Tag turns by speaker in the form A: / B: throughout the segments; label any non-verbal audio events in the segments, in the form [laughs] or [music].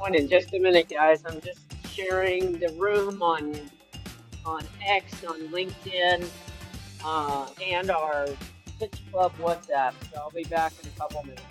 A: on in just a minute, guys. I'm just sharing the room on on X, on LinkedIn, uh, and our Pitch Club WhatsApp. So I'll be back in a couple minutes.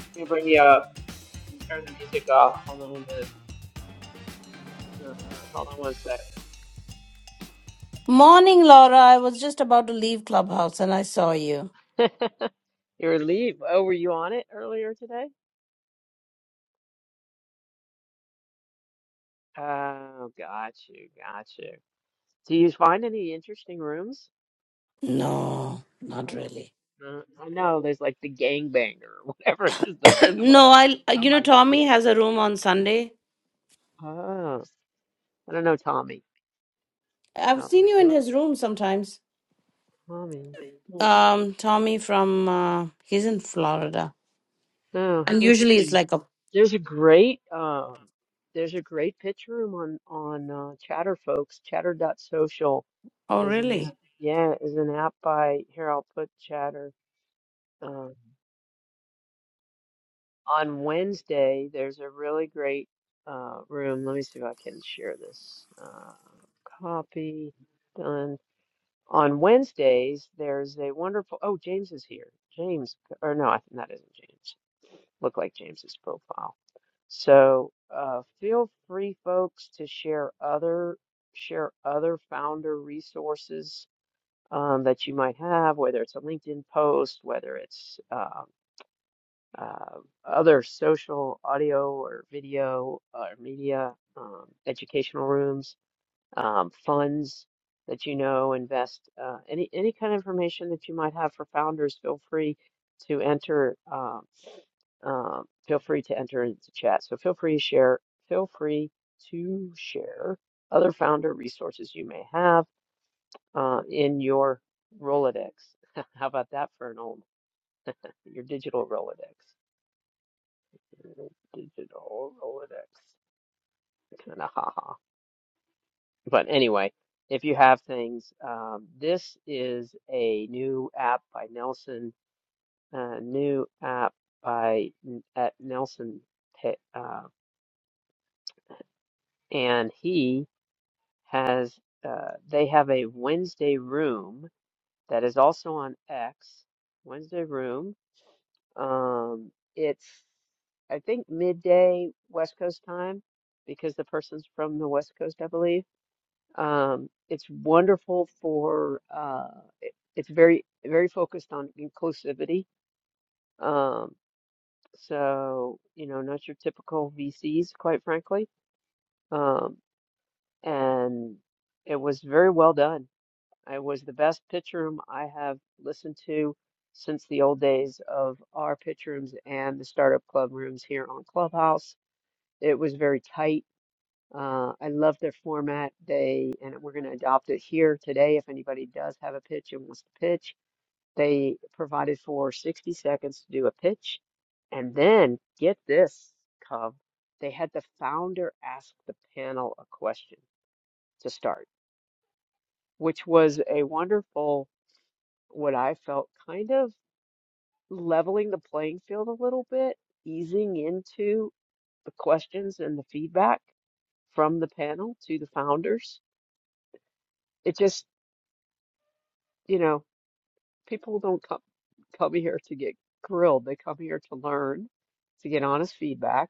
A: Let me bring you up and turn the music off. Hold on, a minute. Uh, [laughs] hold on one sec.
B: Morning, Laura. I was just about to leave Clubhouse and I saw you.
A: [laughs] Your leave. Oh, were you on it earlier today? Oh, got you, got you. Do you find any interesting rooms?
B: No,
A: Uh,
B: not really.
A: uh, I know there's like the gangbanger or [laughs] whatever it is that
B: [clears throat]
A: they, whatever.
B: no, I
A: I'm
B: you know
A: like, dude.
B: Tommy has a room on Sunday.
A: Oh, I don't know Tommy.
B: I've
A: About
B: seen
A: me,
B: you
A: do
B: in
A: I?
B: his room sometimes.
A: Tommy. Hmm.
B: Um Tommy from uh he's in Florida.
A: Oh,
B: And usually it's
A: interesting.
B: like a
A: There's a great um, there's a great pitch room on on uh, Chatter, folks. Chatter dot social
B: Oh,
A: is an app.
B: really?
A: Yeah, is an app by here. I'll put Chatter uh, on Wednesday. There's a really great uh, room. Let me see if I can share this. Uh, copy done. On Wednesdays, there's a wonderful. Oh, James is here. James, or no, I think that isn't James. Look like James's profile. So uh, feel free, folks, to share other share other founder resources um, that you might have, whether it's a LinkedIn post, whether it's um uh, other social, audio, or video, or media, um, educational rooms um, funds that you know invest uh, any any kind of information that you might have for founders feel free to enter uh, uh, feel free to enter into chat so feel free to share feel free to share other founder resources you may have uh, in your Rolodex [laughs] how about that for an old your digital Rolodex digital Rolodex [laughs] kind of ha ha. But anyway, if you have things, um, this is a new app by Nelson, uh, new app by N- at Nelson, Pe- uh, and he has uh, they have a Wednesday room that is also on X. Wednesday room. Um, it's I think midday West Coast time because the person's from the West Coast, I believe Um, it's wonderful for uh, it, it's very very focused on inclusivity. Um, so you know, not your typical VCs, quite frankly. Um, and it was very well done. It was the best pitch room I have listened to since the old days of our pitch rooms and the startup club rooms here on Clubhouse. It was very tight Uh, I love their format. They and we're going to adopt it here today. If anybody does have a pitch and wants to pitch, they provided for 60 seconds to do a pitch, and then get this, Cub, they had the founder ask the panel a question to start, which was a wonderful, what I felt kind of leveling the playing field a little bit, easing into the questions and the feedback from the panel to the founders. It just you know, people don't come come here to get grilled. They come here to learn, to get honest feedback,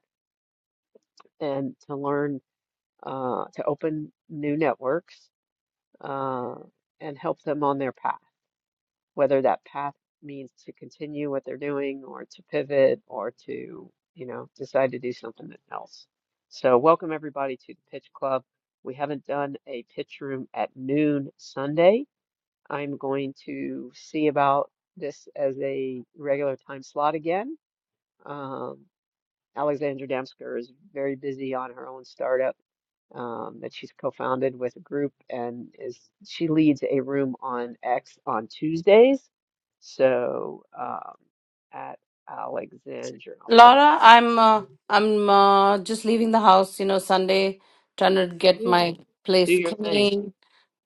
A: and to learn uh, to open new networks uh, and help them on their path, whether that path means to continue what they're doing or to pivot or to, you know, decide to do something else. So welcome everybody to the Pitch Club. We haven't done a pitch room at noon Sunday I'm going to see about this as a regular time slot again. Um, Alexandra Damsker is very busy on her own startup um, that she's co-founded with a group, and is she leads a room on X on Tuesdays. So um, at Alexandra, I'll put her.
B: Laura, I'm uh, I'm uh, just leaving the house, you know, Sunday trying to get
A: Yeah,
B: my
A: do
B: place
A: your thing.
B: clean.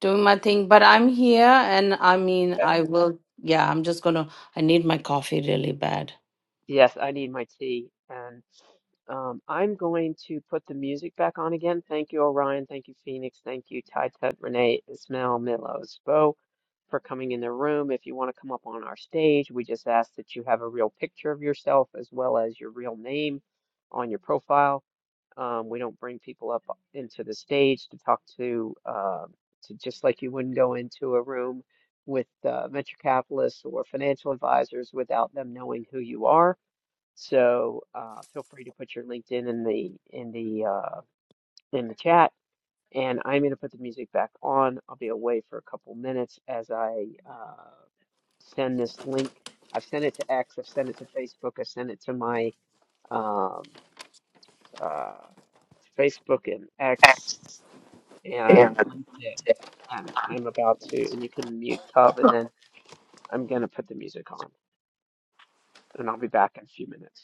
B: doing my thing, but I'm here and I mean,
A: Okay.
B: I will, yeah, I'm just gonna, I need my coffee really bad.
A: Yes, I need my tea. And um, I'm going to put the music back on again. Thank you, Orion. Thank you, Phoenix. Thank you, Ty, Ted, Renee, Ismail, Milos, Bo, for coming in the room. If you want to come up on our stage, we just ask that you have a real picture of yourself as well as your real name on your profile. Um, we don't bring people up into the stage to talk to, uh, to just like you wouldn't go into a room with uh, venture capitalists or financial advisors without them knowing who you are. So uh, feel free to put your LinkedIn in the in the uh, in the chat. And I'm going to put the music back on. I'll be away for a couple minutes as I uh, send this link. I've sent it to X. I've sent it to Facebook. I sent it to my um, uh, Facebook and X
B: Yeah.
A: and LinkedIn. And I'm about to, and you can mute Cub, and then I'm going to put the music on, and I'll be back in a few minutes.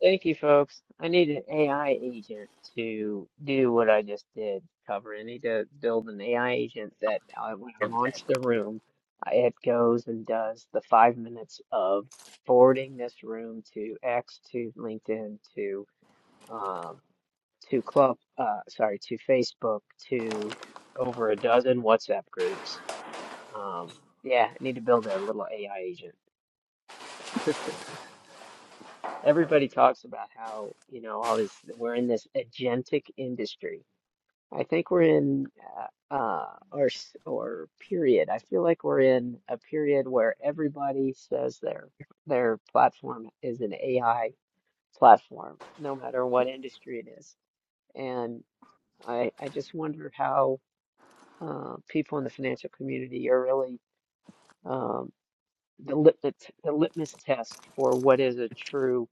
A: Thank you, folks. I need an AI agent to do what I just did, cover. I need to build an AI agent that uh, when I launch the room, I- it goes and does the five minutes of forwarding this room to X, to LinkedIn, to um, to Club, uh, sorry, to Facebook, to over a dozen WhatsApp groups. Um, yeah, I need to build a little AI agent. Everybody talks about how, you know, all this, we're in this agentic industry. I think we're in uh, uh, our s- or period. I feel like we're in a period where everybody says their their platform is an AI platform, no matter what industry it is. And I I just wonder how uh, people in the financial community are really um, the litmus the litmus test for what is a true.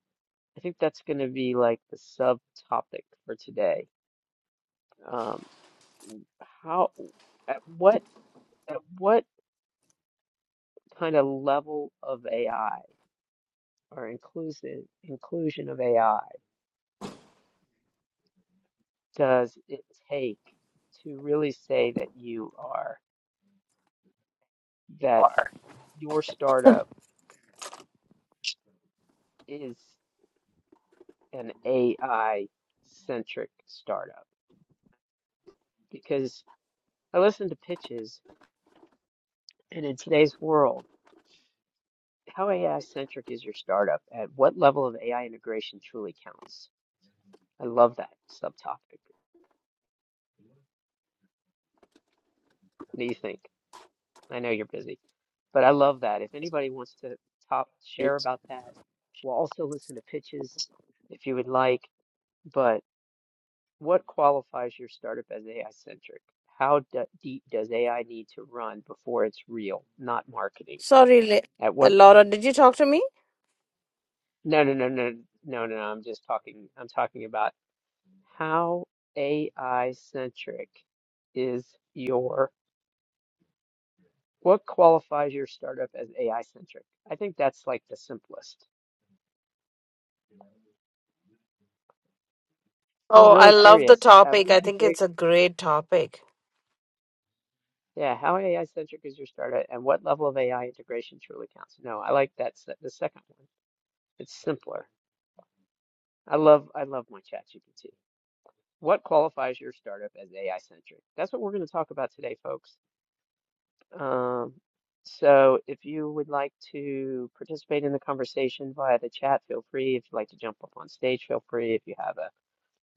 A: I think that's going to be like the subtopic for today. Um, how at what at what kind of level of AI or inclusive inclusion of AI does it take to really say that you are that your startup is an AI centric startup? Because I listen to pitches, and in today's world How AI-centric is your startup? At what level of AI integration truly counts? I love that subtopic. What do you think? I know you're busy, but I love that. If anybody wants to top share about that, we'll also listen to pitches if you would like. But what qualifies your startup as AI-centric? How d deep does AI need to run before it's real, not marketing?
B: Sorry,
A: At
B: Le- uh,
A: what level?
B: Laura, did you talk to me?
A: No, no, no, no, no, no. no, I'm just talking. I'm talking about. How AI centric is your, what qualifies your startup as AI centric? I think that's like the simplest. I'm
B: Oh, I
A: really
B: love the
A: curious. Uh,
B: topic.
A: we
B: I
A: had a
B: think
A: great,
B: it's a great topic.
A: yeah, how AI centric is your startup and what level of AI integration truly counts? No, I like that, se- the second one. It's simpler. I love, I love my ChatGPT. What qualifies your startup as AI centric? That's what we're going to talk about today, folks. Um, so if you would like to participate in the conversation via the chat, feel free. If you'd like to jump up on stage, feel free. If you have a,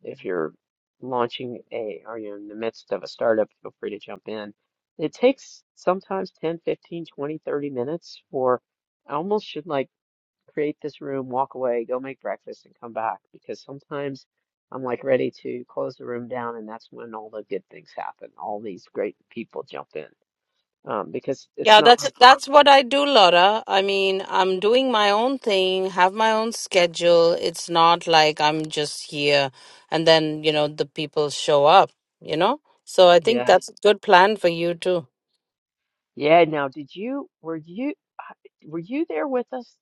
A: if you're launching a, or you're in the midst of a startup, feel free to jump in. It takes sometimes 10, 15, 20, 30 minutes for, I almost should like create this room, walk away, go make breakfast and come back because sometimes I'm like ready to close the room down and that's when all the good things happen. All these great people jump in um, because it's
B: Yeah,
A: not
B: that's
A: like
B: that's what I do, Laura. I mean, I'm doing my own thing, have my own schedule. It's not like I'm just here and then, you know, the people show up, you know? So I think
A: yeah
B: that's a good plan for you too.
A: yeah. Now, did you were you I- were you there with us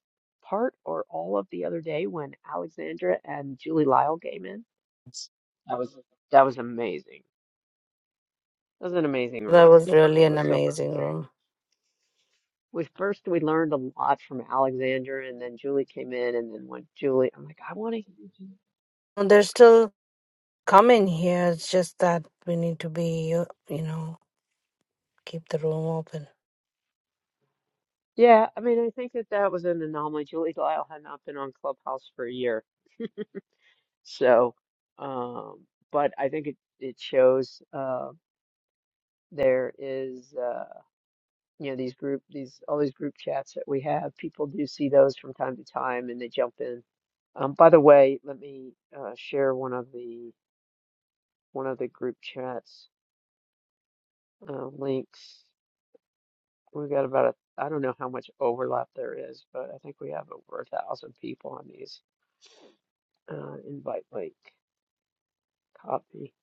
A: part or all of the other day when Alexandra and Julie Lyle came in? That was that was amazing. That was an amazing room.
B: That was really
A: That
B: an
A: was so fun.
B: amazing
A: Okay.
B: room.
A: We first we learned a lot from Alexandra, and then Julie came in, and then when Julie, I'm like, I want to.
B: No, They're still coming here. It's just that we need to be, uh, you know, keep the room open.
A: Yeah, I mean, I think that that was an anomaly. Julie Lyle had not been on Clubhouse for a year. So, um, but I think it it shows uh, there is uh, you know these group these all these group chats that we have. People do see those from time to time, and they jump in. Um, by the way, let me uh, share one of the one of the group chats uh, links. We've got about a I don't know how much overlap there is, but I think we have over a thousand people on these uh, invite link copy.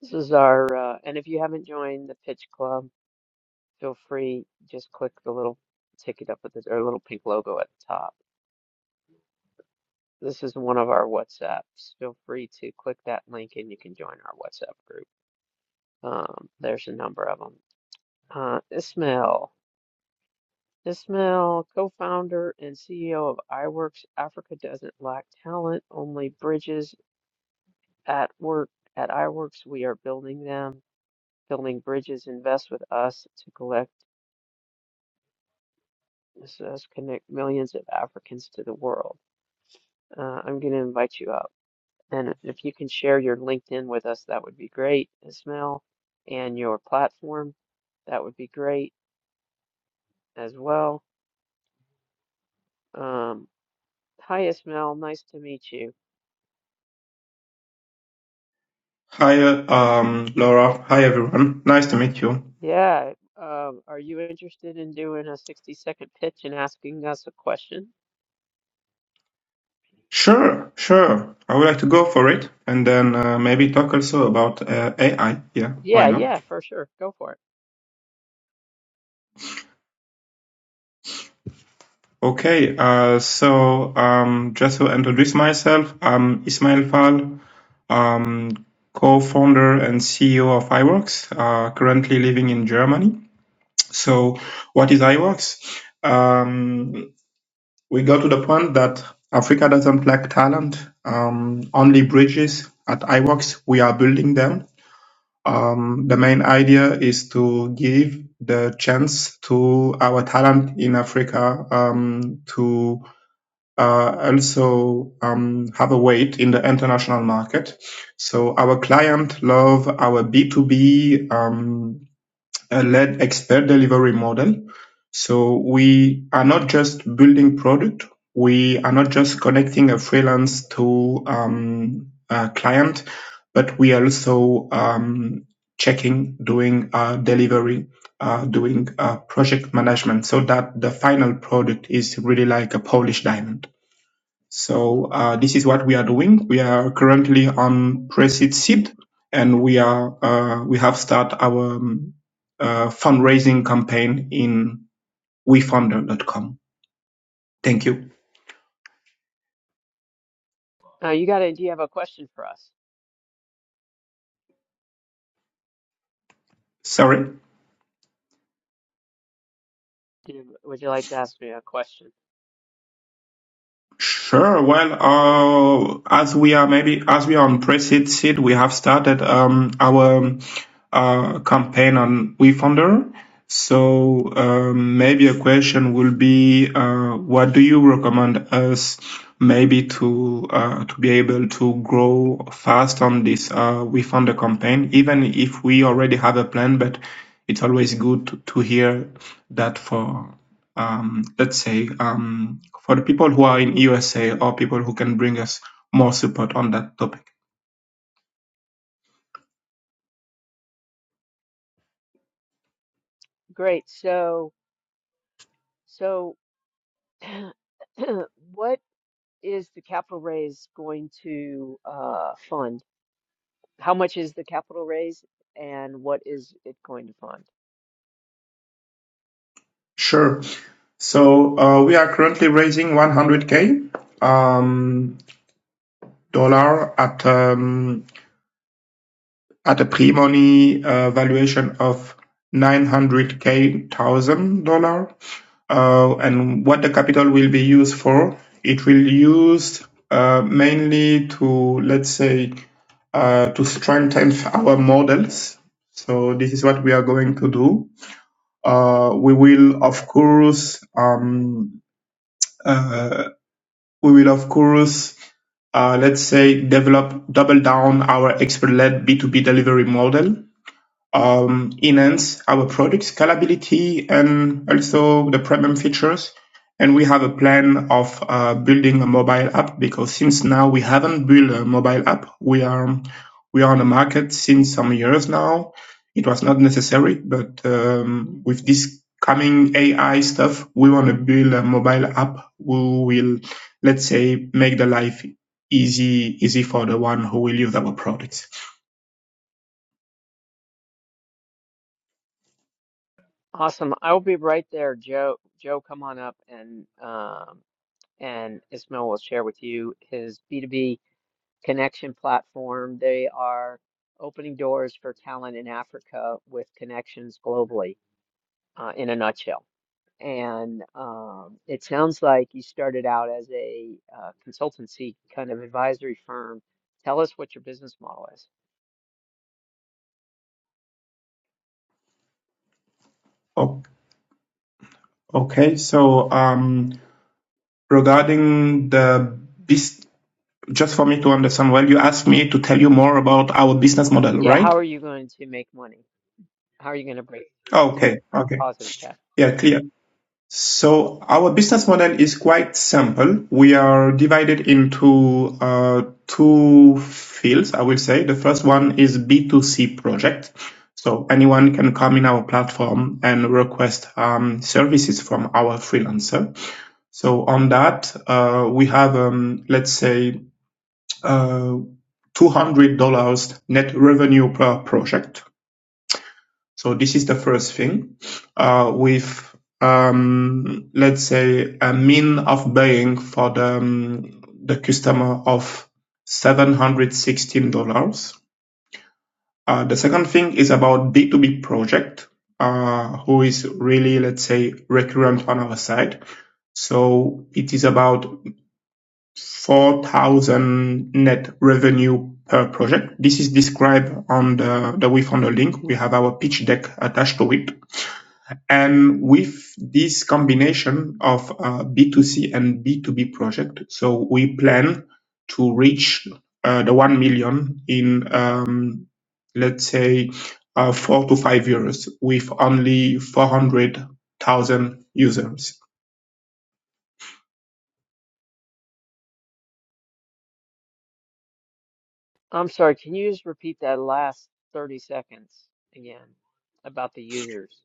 A: This is our uh, and if you haven't joined the Pitch Club. feel free, just click the little ticket up with the or little pink logo at the top. This is one of our WhatsApps. Feel free to click that link and you can join our WhatsApp group. Um, there's a number of them. Uh, Ismail. Ismail, co-founder and CEO of iWorks. Africa doesn't lack talent, only bridges at work. At iWorks, we are building them. Building bridges, invest with us to collect, us connect millions of Africans to the world. Uh, I'm going to invite you up. And if if you can share your LinkedIn with us, that would be great, Ismail, and your platform, that would be great as well. Um, hi, Ismail. Nice to meet you.
C: Hi, uh, um, Laura. Hi, everyone. Nice to meet you.
A: Yeah. Um, are you interested in doing a 60 second pitch and asking us a question?
C: Sure, sure. I would like to go for it and then uh, maybe talk also about uh, AI. Yeah, why
A: Yeah,
C: not?
A: yeah, for sure. Go for it.
C: Okay, uh, so um, just to introduce myself, I'm Ismail Fall, um, co-founder and CEO of iWorks, uh, currently living in Germany. So what is iWorks? Um, we got to the point that Africa doesn't lack talent. Um, only bridges at iWorks, we are building them. Um, the main idea is to give the chance to our talent in Africa um, to uh, also um, have a weight in the international market. So our client love our B2B a lead expert delivery model. So we are not just building product. We are not just connecting a freelance to um, a client, but we are also um, checking, doing uh, delivery, uh, doing uh, project management, so that the final product is really like a polished diamond. So uh, this is what we are doing. We are currently on Preseed Seed, and we are uh, we have started our um, uh, fundraising campaign in wefounder.com. Thank you.
A: Uh, you got a, do you have a question for us?
C: Sorry.
A: Do you, would you like to ask me a question?
C: Sure. Well, uh, as we are maybe as we are on pre-seed seed, we have started um, our uh, campaign on WeFounder. So um, maybe a question will be, uh, what do you recommend us maybe to uh, to be able to grow fast on this uh, WeFounder campaign, even if we already have a plan, but it's always good to, to hear that for um, let's say, um, for the people who are in USA or people who can bring us more support on that topic?
A: Great. So, so [clears throat] what is the capital raise going to uh, fund? How much is the capital raise and what is it going to fund?
C: Sure. So uh, we are currently raising 100k um, dollar at um, at a pre-money uh, valuation of 900k thousand dollar. uh, and what the capital will be used for. It will used uh, mainly to, let's say, uh, to strengthen our models. So this is what we are going to do. Uh, we will, of course, um, uh, we will, of course, uh, let's say, develop, double down our expert-led B2B delivery model um, enhance our product scalability and also the premium features. And we have a plan of uh, building a mobile app because since now we haven't built a mobile app, we are we are on the market since some years now. It was not necessary, but um, with this coming AI stuff, we want to build a mobile app. We will, let's say, make the life easy easy for the one who will use our products.
A: Awesome. I will be right there, Joe. Joe, come on up and um, and Ismail will share with you his B2B connection platform. They are opening doors for talent in Africa with connections globally, uh, in a nutshell. And um, it sounds like you started out as a uh, consultancy kind of advisory firm. Tell us what your business model is.
C: Okay, so. Um, regarding the bus- just for me to understand well, you asked me to tell you more about our business model,
A: Yeah,
C: right?
A: how are you going to make money? How are you going to break through to
C: Okay. Okay.
A: positive cash?
C: Yeah, clear. So our business model is quite simple. We are divided into uh, two fields, I will say. The first one is B2C project. So anyone can come in our platform and request um, services from our freelancer. So on that, uh, we have, um, let's say, uh, $200 net revenue per project. So this is the first thing. Uh, with, um, let's say a mean of buying for the, um, the customer of $716. Uh, the second thing is about B2B project, uh, who is really, let's say, recurrent on our side. So it is about four thousand net revenue per project. This is described on the, the WeFounder link. We have our pitch deck attached to it. And with this combination of uh, B2C and B2B project, so we plan to reach uh, the 1 million in, um, let's say, uh, four to five years with only 400,000 users.
A: I'm sorry, can you just repeat that last 30 seconds again about the users?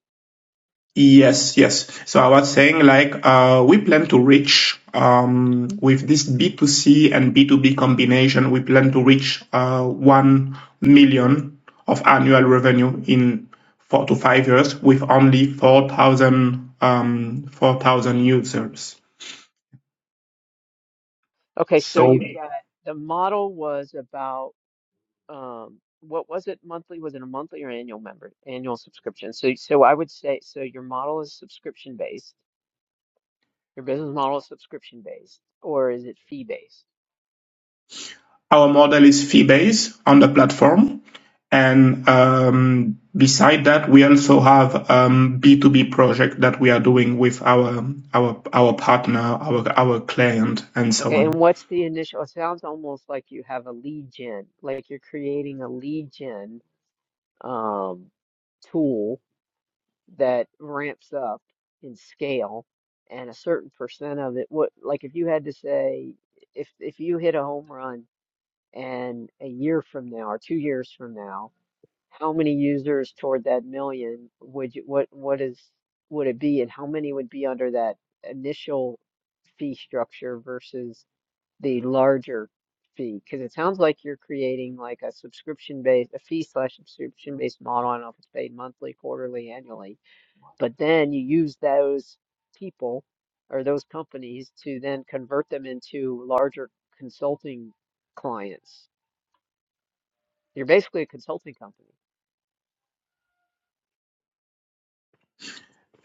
C: Yes, yes. So I was saying like uh, we plan to reach um, with this B2C and B2B combination, we plan to reach uh, 1 million of annual revenue in four to five years with only 4,000 um, 4,000 users.
A: Okay, so
C: So
A: you got the model was about um what was it monthly? Was it a monthly or annual member annual subscription? So so I would say so your model is subscription based. Your business model is subscription based, or is it fee based?
C: our model is fee-based on the platform. And um, beside that, we also have um, B2B project that we are doing with our our our partner, our our client, and so
A: Okay, and
C: on.
A: what's the initial? It sounds almost like you have a lead gen, like you're creating a lead gen um, tool that ramps up in scale and a certain percent of it what like if you had to say if if you hit a home run and a year from now or two years from now how many users toward that million would you what what is would it be and how many would be under that initial fee structure versus the larger fee? Because it sounds like you're creating like a subscription based, a fee slash subscription based model. I don't know if it's paid monthly, quarterly, annually, but then you use those people or those companies to then convert them into larger consulting clients. You're basically a consulting company.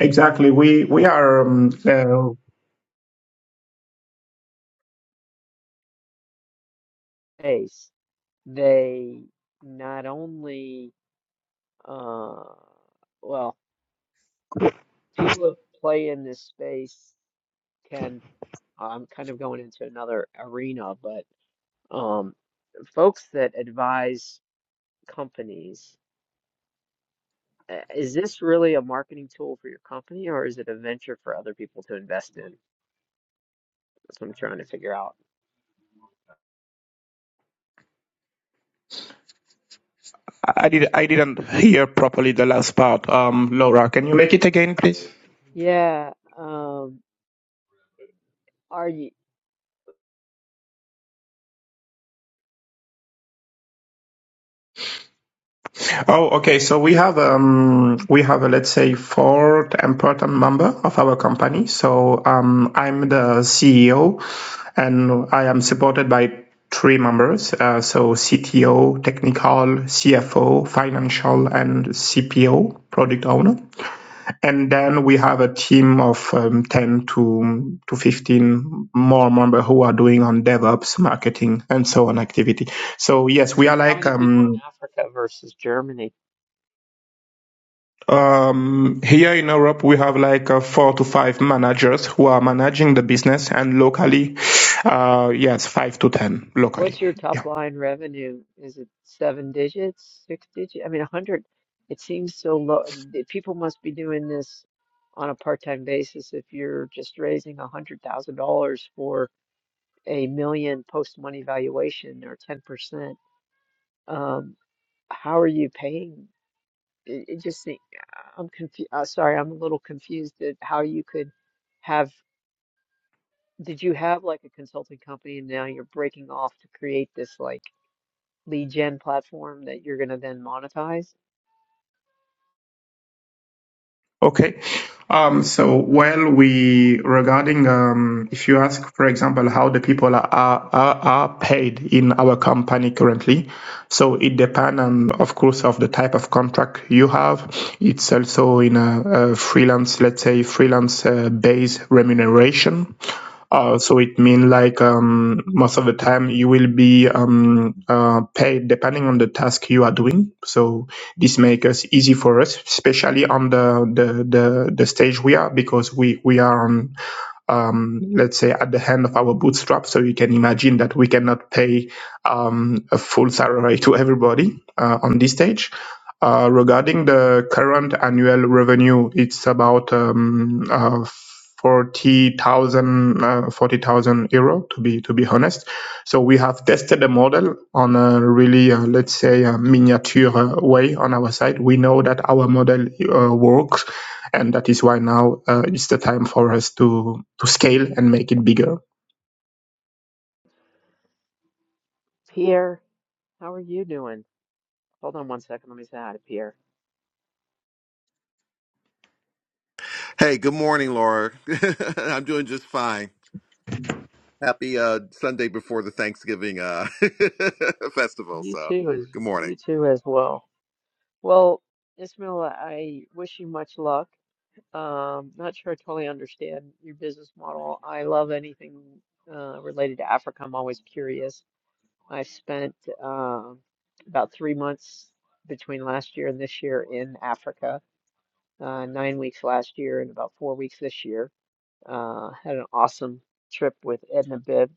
C: Exactly. We we are. Um, uh,
A: Base. They not only uh, well, people who play in this space can. I'm kind of going into another arena, but um, folks that advise companies, uh, is this really a marketing tool for your company or is it a venture for other people to invest in? That's what I'm trying to figure out.
C: I did I didn't hear properly the last part. Um, Laura, can you make it again, please?
A: Yeah. Um, are you?
C: Oh, okay. So we have um we have a let's say fourth important member of our company. So um I'm the CEO, and I am supported by three members. Uh, so CTO, technical, CFO, financial, and CPO, product owner. And then we have a team of um, ten to to fifteen more members who are doing on DevOps, marketing, and so on activity. So yes, we are
A: How
C: like
A: many people
C: um
A: in Africa versus Germany?
C: Um, here in Europe, we have like uh, four to five managers who are managing the business, and locally, uh, yes, five to ten locally.
A: What's your
C: Yeah.
A: top line revenue? Is it seven digits, six digits? I mean, a hundred, it seems so low. The People must be doing this on a part-time basis if you're just raising a hundred thousand dollars for a million post-money valuation or 10%. Um, how are you paying? It, it just, se- I'm confused. Uh, sorry, I'm a little confused at how you could have, did you have like a consulting company and now you're breaking off to create this like lead gen platform that you're going to then monetize.
C: Okay. Um, so, well, we regarding um, if you ask, for example, how the people are, are are paid in our company currently, so it depends on, of course, of the type of contract you have. It's also in a, a freelance, let's say, freelance uh, base remuneration Uh, so it means like um, most of the time you will be um, uh, paid depending on the task you are doing. So this makes us easy for us, especially on the the, the, the stage we are because we, we are on um, let's say, at the hand of our bootstrap. So you can imagine that we cannot pay um, a full salary to everybody uh, on this stage. Uh, regarding the current annual revenue, it's about um, uh, 40,000 uh, 40,000 euro to be to be honest. So we have tested the model on a really uh, let's say a miniature uh, way on our side. We know that our model uh, works and that is why now uh, is the time for us to to scale and make it bigger
A: Pierre, how are you doing? Hold on one second. Let me say hi to Pierre.
D: Hey, good morning, Laura. [laughs] I'm doing just fine. Happy uh, Sunday before the Thanksgiving uh, [laughs] festival.
A: You
D: So,
A: too as
D: good morning.
A: you too as well. Well, Ismail, I wish you much luck. Um, not sure I totally understand your business model. I love anything uh, related to Africa. I'm always curious. I spent um about three months between last year and this year in Africa, uh, nine weeks last year and about four weeks this year uh, had an awesome trip with Edna Bibb.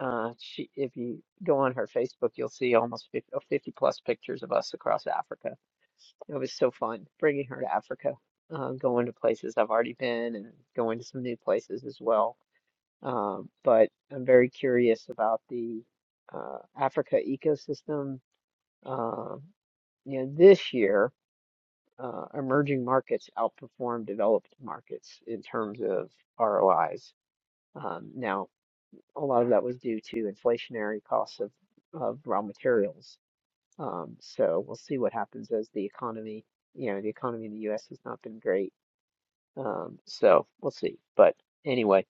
A: Uh, she, if you go on her Facebook, you'll see almost 50, oh, fifty plus pictures of us across Africa. It was so fun bringing her to Africa, uh, going to places I've already been and going to some new places as well. Um, but I'm very curious about the uh, Africa ecosystem. Uh, you know, this year, uh, emerging markets outperform developed markets in terms of ROIs. Um, now, a lot of that was due to inflationary costs of, of raw materials. Um, so we'll see what happens as the economy, you know, the economy in the US has not been great. Um, so we'll see. But anyway,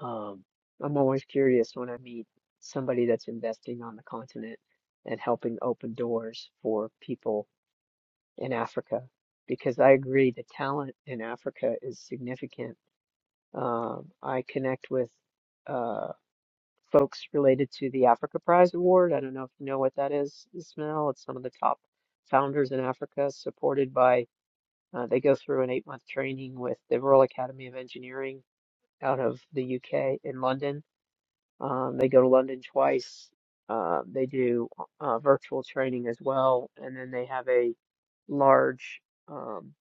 A: um, I'm always curious when I meet somebody that's investing on the continent and helping open doors for people in Africa, because I agree the talent in Africa is significant. Um, I connect with uh, folks related to the Africa Prize Award. I don't know if you know what that is, Ismail. It's some of the top founders in Africa, supported by, uh, they go through an eight month training with the Royal Academy of Engineering out of the UK in London. Um, they go to London twice. Uh, they do uh, virtual training as well. And then they have a large um,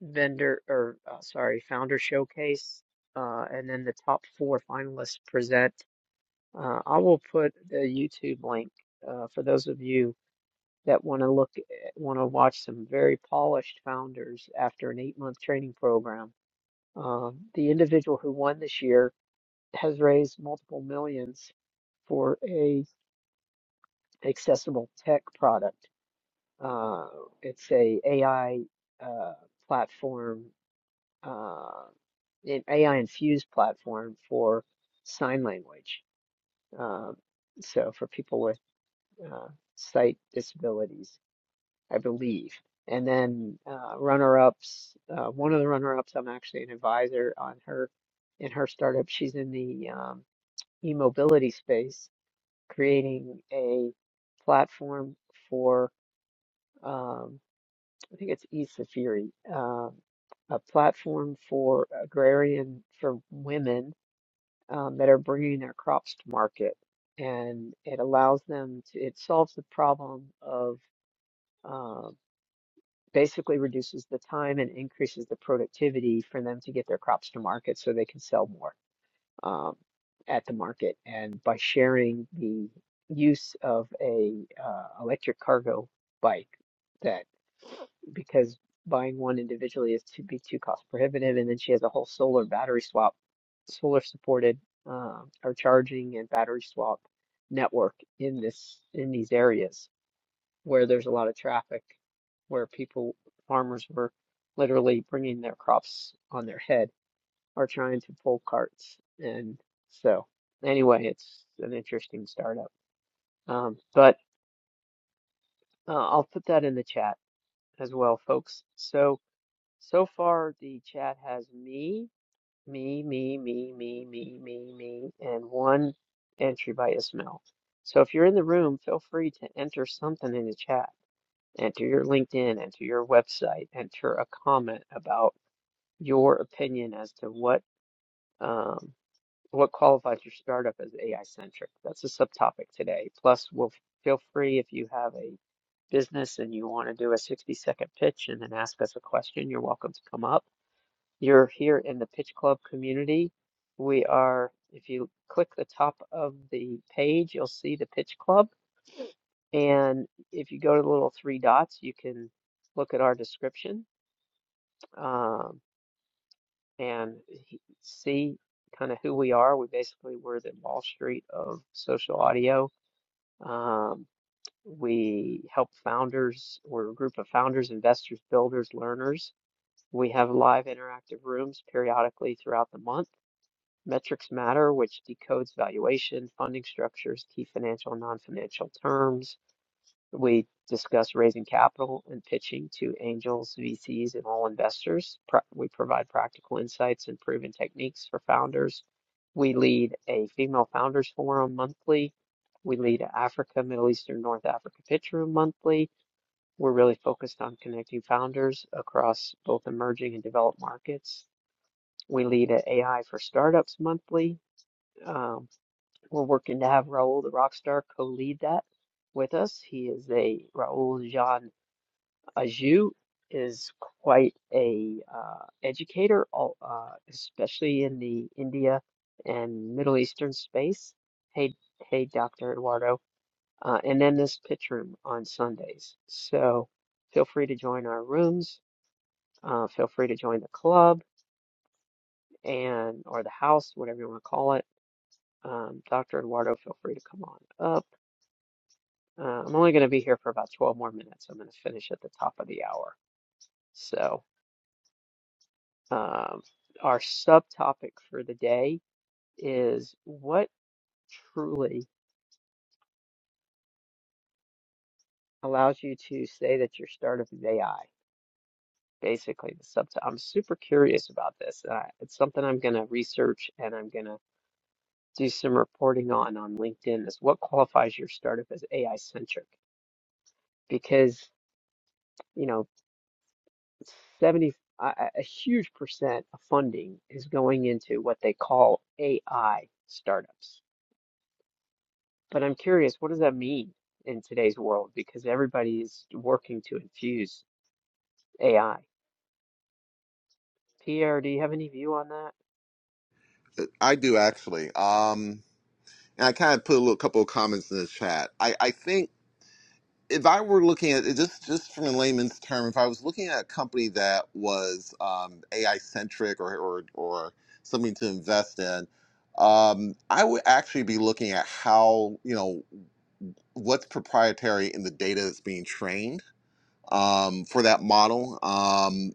A: vendor or, uh, sorry, founder showcase. Uh, and then the top four finalists present. Uh, I will put the YouTube link uh, for those of you that want to look, want to watch some very polished founders after an eight-month training program. Uh, the individual who won this year has raised multiple millions for a accessible tech product. Uh, it's a AI uh, platform, uh, an AI infused platform for sign language. Uh, so for people uh, sight disabilities, I believe. And then uh, runner-ups, uh, one of the runner-ups, I'm actually an advisor on her in her startup. She's in the um, e-mobility space, creating a platform for um, I think it's e-Safiri, um, a platform for agrarian for women um, that are bringing their crops to market, and it allows them to. It solves the problem of um, basically reduces the time and increases the productivity for them to get their crops to market so they can sell more um, at the market. And by sharing the use of a uh, electric cargo bike that because buying one individually is to be too cost prohibitive and then she has a whole solar battery swap solar supported uh, or charging and battery swap network in this in these areas where there's a lot of traffic, where people, farmers were literally bringing their crops on their head or trying to pull carts. And so, anyway, it's an interesting startup. Um, but uh, I'll put that in the chat as well, folks. So, so far, the chat has me, me, me, me, me, me, me, me, and one entry by Ismail. So if you're in the room, feel free to enter something in the chat enter your LinkedIn, enter your website, enter a comment about your opinion as to what um, what qualifies your startup as AI centric. That's a subtopic today. Plus, we'll feel free if you have a business and you want to do a 60 second pitch and then ask us a question, you're welcome to come up. You're here in the Pitch Club community. We are, if you click the top of the page, you'll see the Pitch Club. And if you go to the little three dots, you can look at our description um, and he, see kind of who we are. We basically were the Wall Street of social audio. Um, we help founders, we're a group of founders, investors, builders, learners. We have live interactive rooms periodically throughout the month. Metrics Matter, which decodes valuation, funding structures, key financial and non financial terms We discuss raising capital and pitching to angels, VCs, and all investors. Pro- We provide practical insights and proven techniques for founders. We lead a female founders forum monthly. We lead a Africa, Middle Eastern, North Africa pitch room monthly. We're really focused on connecting founders across both emerging and developed markets. We lead an a AI for startups monthly. Um, we're working to have Raul, the rock star, co-lead that with us. He is a Raul Jean Aju is quite a uh, educator, al- uh, especially in the India and Middle Eastern space. Hey, hey, Dr. Eduardo, uh, and then this pitch room on Sundays. So feel free to join our rooms. Uh, feel free to join the club and or the house, whatever you want to call it. Um, Dr. Eduardo, feel free to come on up. Uh, I'm only going to be here for about 12 more minutes. I'm going to finish at the top of the hour. So. Um, our subtopic for the day is what truly allows you to say that your startup is AI. Basically, the sub I'm super curious about this. Uh, it's something I'm going to research and I'm going to do some reporting on on LinkedIn is what qualifies your startup as AI centric because, you know, 70 a, a a huge percent of funding is going into what they call AI startups But I'm curious, what does that mean in today's world? Because everybody is working to infuse AI. Pierre, do you have any view on that?
D: Uh, I do actually. Um, and I kind of put a little, couple of comments in the chat. I, I think if I were looking at just just from a layman's term, if I was looking at a company that was um, AI centric or, or or something to invest in, um, I would actually be looking at how you know what's proprietary in the data that's being trained um, for that model. Um,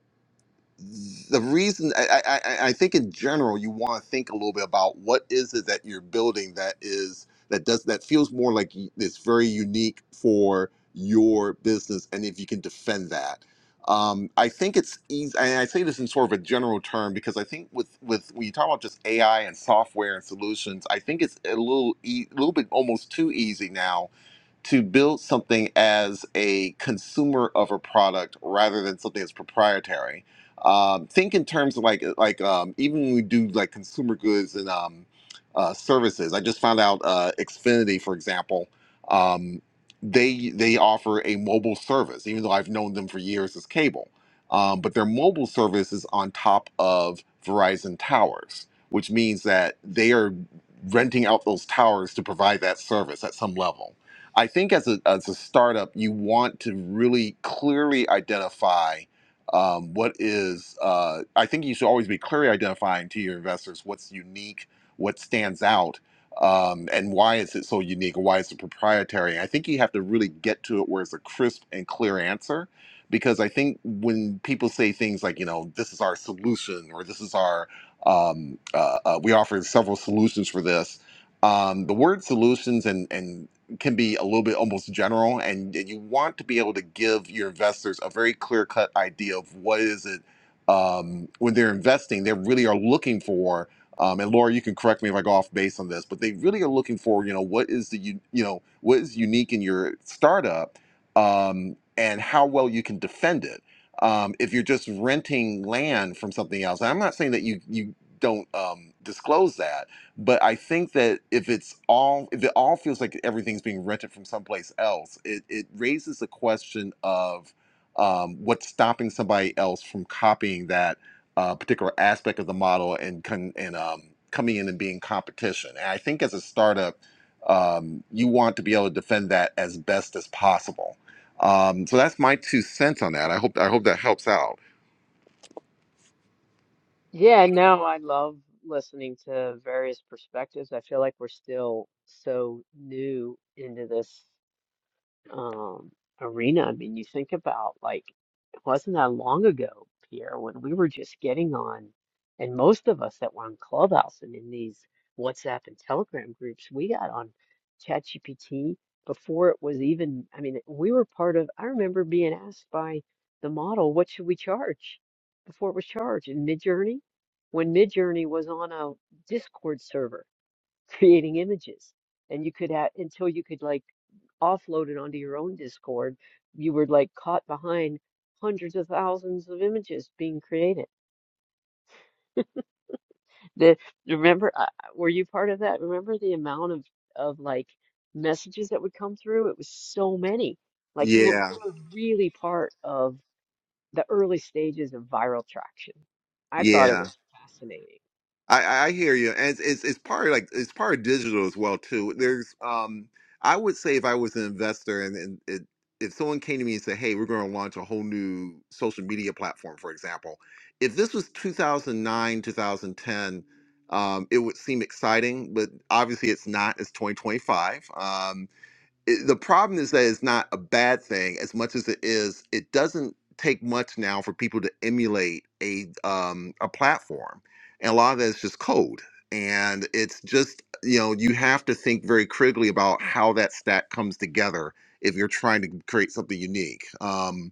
D: the reason I, I, I I think in general you want to think a little bit about what is it that you're building that is that does that feels more like y- it's very unique for your business and if you can defend that. Um, I think it's easy, and I say this in sort of a general term because I think with with when you talk about just AI and software and solutions, I think it's a little e- a little bit almost too easy now to build something as a consumer of a product rather than something that's proprietary. Um, think in terms of like like um, even when we do like consumer goods and um, uh, services. I just found out uh, Xfinity, for example, um, they they offer a mobile service, even though I've known them for years as cable. Um, but their mobile service is on top of Verizon towers, which means that they are renting out those towers to provide that service at some level I think as a as a startup, you want to really clearly identify um, what is. Uh, I think you should always be clearly identifying to your investors what's unique, what stands out, um, and why is it so unique, and why is it proprietary. I think you have to really get to it where it's a crisp and clear answer, because I think when people say things like you know this is our solution or this is our um, uh, uh, we offer several solutions for this um, the word solutions and and can be a little bit almost general and you want to be able to give your investors a very clear cut idea of what is it um, when they're investing they really are looking for um, and laura you can correct me if i go off base on this but they really are looking for you know what is the you you know what is unique in your startup um, and how well you can defend it um, if you're just renting land from something else and i'm not saying that you you don't um, disclose that but I think that if it's all if it all feels like everything's being rented from someplace else, it it raises the question of um, what's stopping somebody else from copying that uh, particular aspect of the model and con- and um, coming in and being competition. And I think as a startup, um, you want to be able to defend that as best as possible. Um, so that's my two cents on that. I hope I hope that helps out.
A: Yeah, no, I love listening to various perspectives. I feel like we're still so new into this um, arena. I mean, you think about like it wasn't that long ago, Pierre, when we were just getting on, and most of us that were on Clubhouse and in these WhatsApp and Telegram groups, we got on ChatGPT before it was even. I mean, we were part of. I remember being asked by the model, "What should we charge?" Before it was charged in Midjourney, when Midjourney was on a Discord server [laughs] creating images, and you could have until you could like offloaded onto your own Discord, you were like caught behind hundreds of thousands of images being created. The remember, uh, were you part of that? Remember the amount of of like messages that would come through? It was so many. Like you were, we
D: Yeah.
A: were really part of the early stages of viral traction. I thought it
D: Yeah.
A: was fascinating,
D: I, I hear you, and it's, it's it's part of like it's part of digital as well too. There's um, I would say if I was an investor and and it, if someone came to me and said, "Hey, we're going to launch a whole new social media platform," for example, if this was 2009, 2010, um, it would seem exciting, but obviously it's not. It's 2025. Um, it- the problem is that it's not a bad thing as much as it is it doesn't take much now for people to emulate a um a platform and a lot of that is just code and it's just you know you have to think very critically about how that stack comes together if you're trying to create something unique um,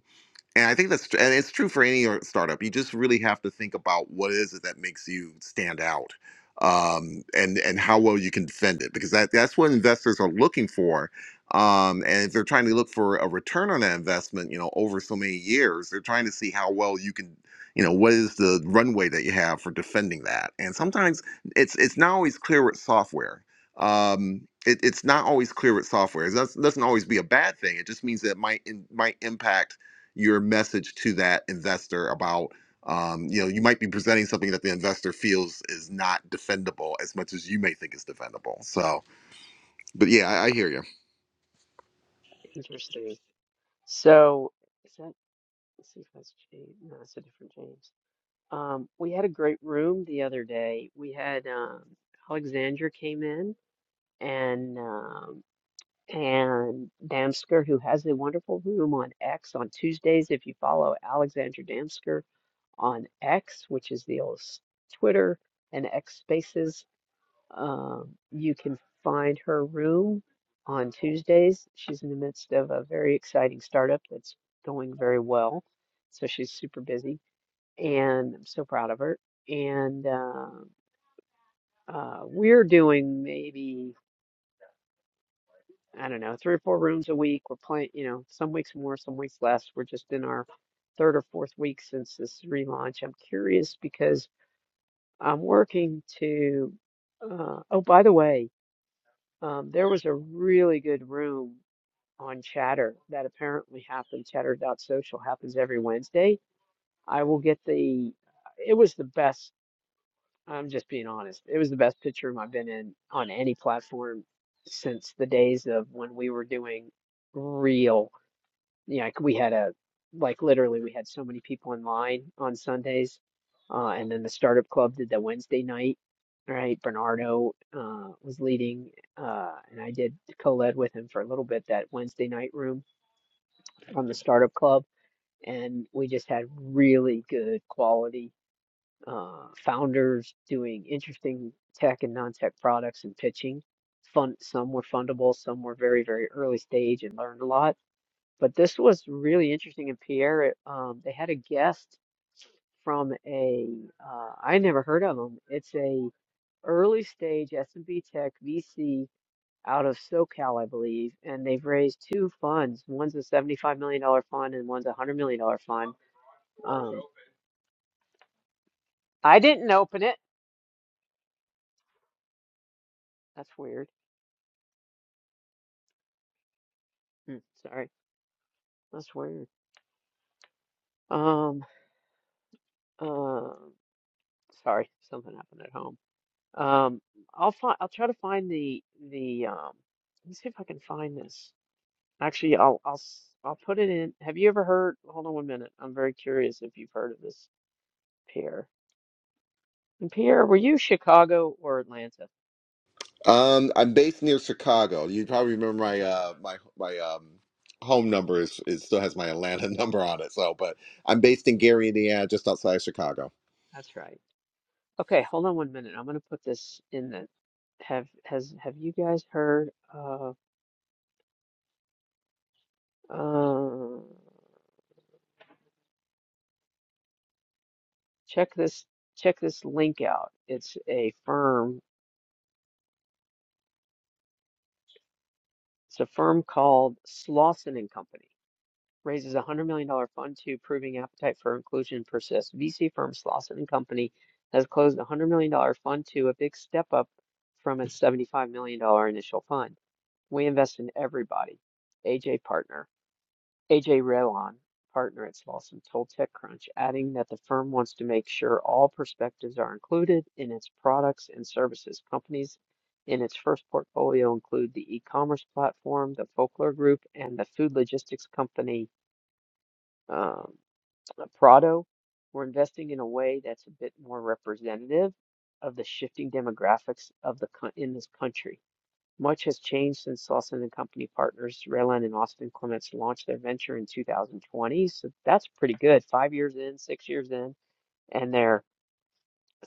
D: and I think that's tr- and it's true for any or- startup. You just really have to think about what is it is that makes you stand out, um, and and how well you can defend it because that that's what investors are looking for. Um, and if they're trying to look for a return on that investment, you know, over so many years, they're trying to see how well you can, you know, what is the runway that you have for defending that. And sometimes it's it's not always clear with software. Um, it, it's not always clear with software. It doesn't doesn't always be a bad thing. It just means that it might it might impact your message to that investor about um, you know you might be presenting something that the investor feels is not defendable as much as you may think is defendable so but yeah i, I hear you
A: interesting. So is that? Let's see if that's James. No, that's a different James. Um, we had a great room the other day. We had um, Alexandra came in and um, and Damsker, who has a wonderful room on X on Tuesdays. If you follow Alexandra Damsker on X, which is the old s- Twitter and X Spaces, um, you can find her room on Tuesdays. She's in the midst of a very exciting startup that's going very well, so she's super busy and I'm so proud of her. And uh, uh, we're doing maybe, I don't know, three or four rooms a week. We're playing, you know, some weeks more, some weeks less. We're just in our third or fourth week since this relaunch. I'm curious because I'm working to, uh, oh, by the way, um, there was a really good room on Chatter that apparently happened. Chatter dot social happens every Wednesday. I will get the, it was the best. I'm just being honest. It was the best picture room I've been in on any platform since the days of when we were doing real, you know, like we had a, like literally we had so many people in line on Sundays. Uh, and then the Startup Club did the Wednesday night, right? Bernardo uh, was leading, uh, and I did co-led with him for a little bit that Wednesday night room on the Startup Club. And we just had really good quality uh, founders doing interesting tech and non-tech products and pitching. Fun, some were fundable, some were very, very early stage and learned a lot. But this was really interesting. And Pierre, um, they had a guest from a uh, I never heard of him. It's a early stage SMB tech VC out of SoCal, I believe, and they've raised two funds. One's a $75 million dollar fund and one's a $100 million dollar fund. Um, I didn't open it. That's weird. Hmm, sorry. That's weird. Um, uh, sorry, something happened at home. Um, I'll find. I'll try to find the the. Um, let me see if I can find this. Actually, I'll I'll s- I'll put it in. Have you ever heard? Hold on one minute. I'm very curious if you've heard of this Pierre. And Pierre, were you Chicago or Atlanta?
D: um, i'm based near chicago you probably remember
A: That's
D: my
A: not bad.
D: uh, my my um, home number is it still has my atlanta [laughs] number on it so but i'm based in gary indiana just outside of chicago
A: That's right. Okay, hold on one minute. I'm gonna put this in the. Have has have you guys heard of? Uh, Check this check this link out. It's a firm. It's a firm called Slauson and Company. Raises a hundred million dollar fund to proving appetite for inclusion persists. VC firm Slauson and Company has closed a hundred million dollar fund to a big step up from its seventy five million dollar initial fund. We invest in everybody. AJ partner. A.J. Rewan, partner at Slauson, told TechCrunch, adding that the firm wants to make sure all perspectives are included in its products and services. Companies in its first portfolio include the e-commerce platform, the Folklore Group, and the food logistics company um, Prado. We're investing in a way that's a bit more representative of the shifting demographics of the in this country much has changed since Lawson and Company partners Raylan and Austin Clements launched their venture in 2020. So that's pretty good. Five years in, six years in, and they're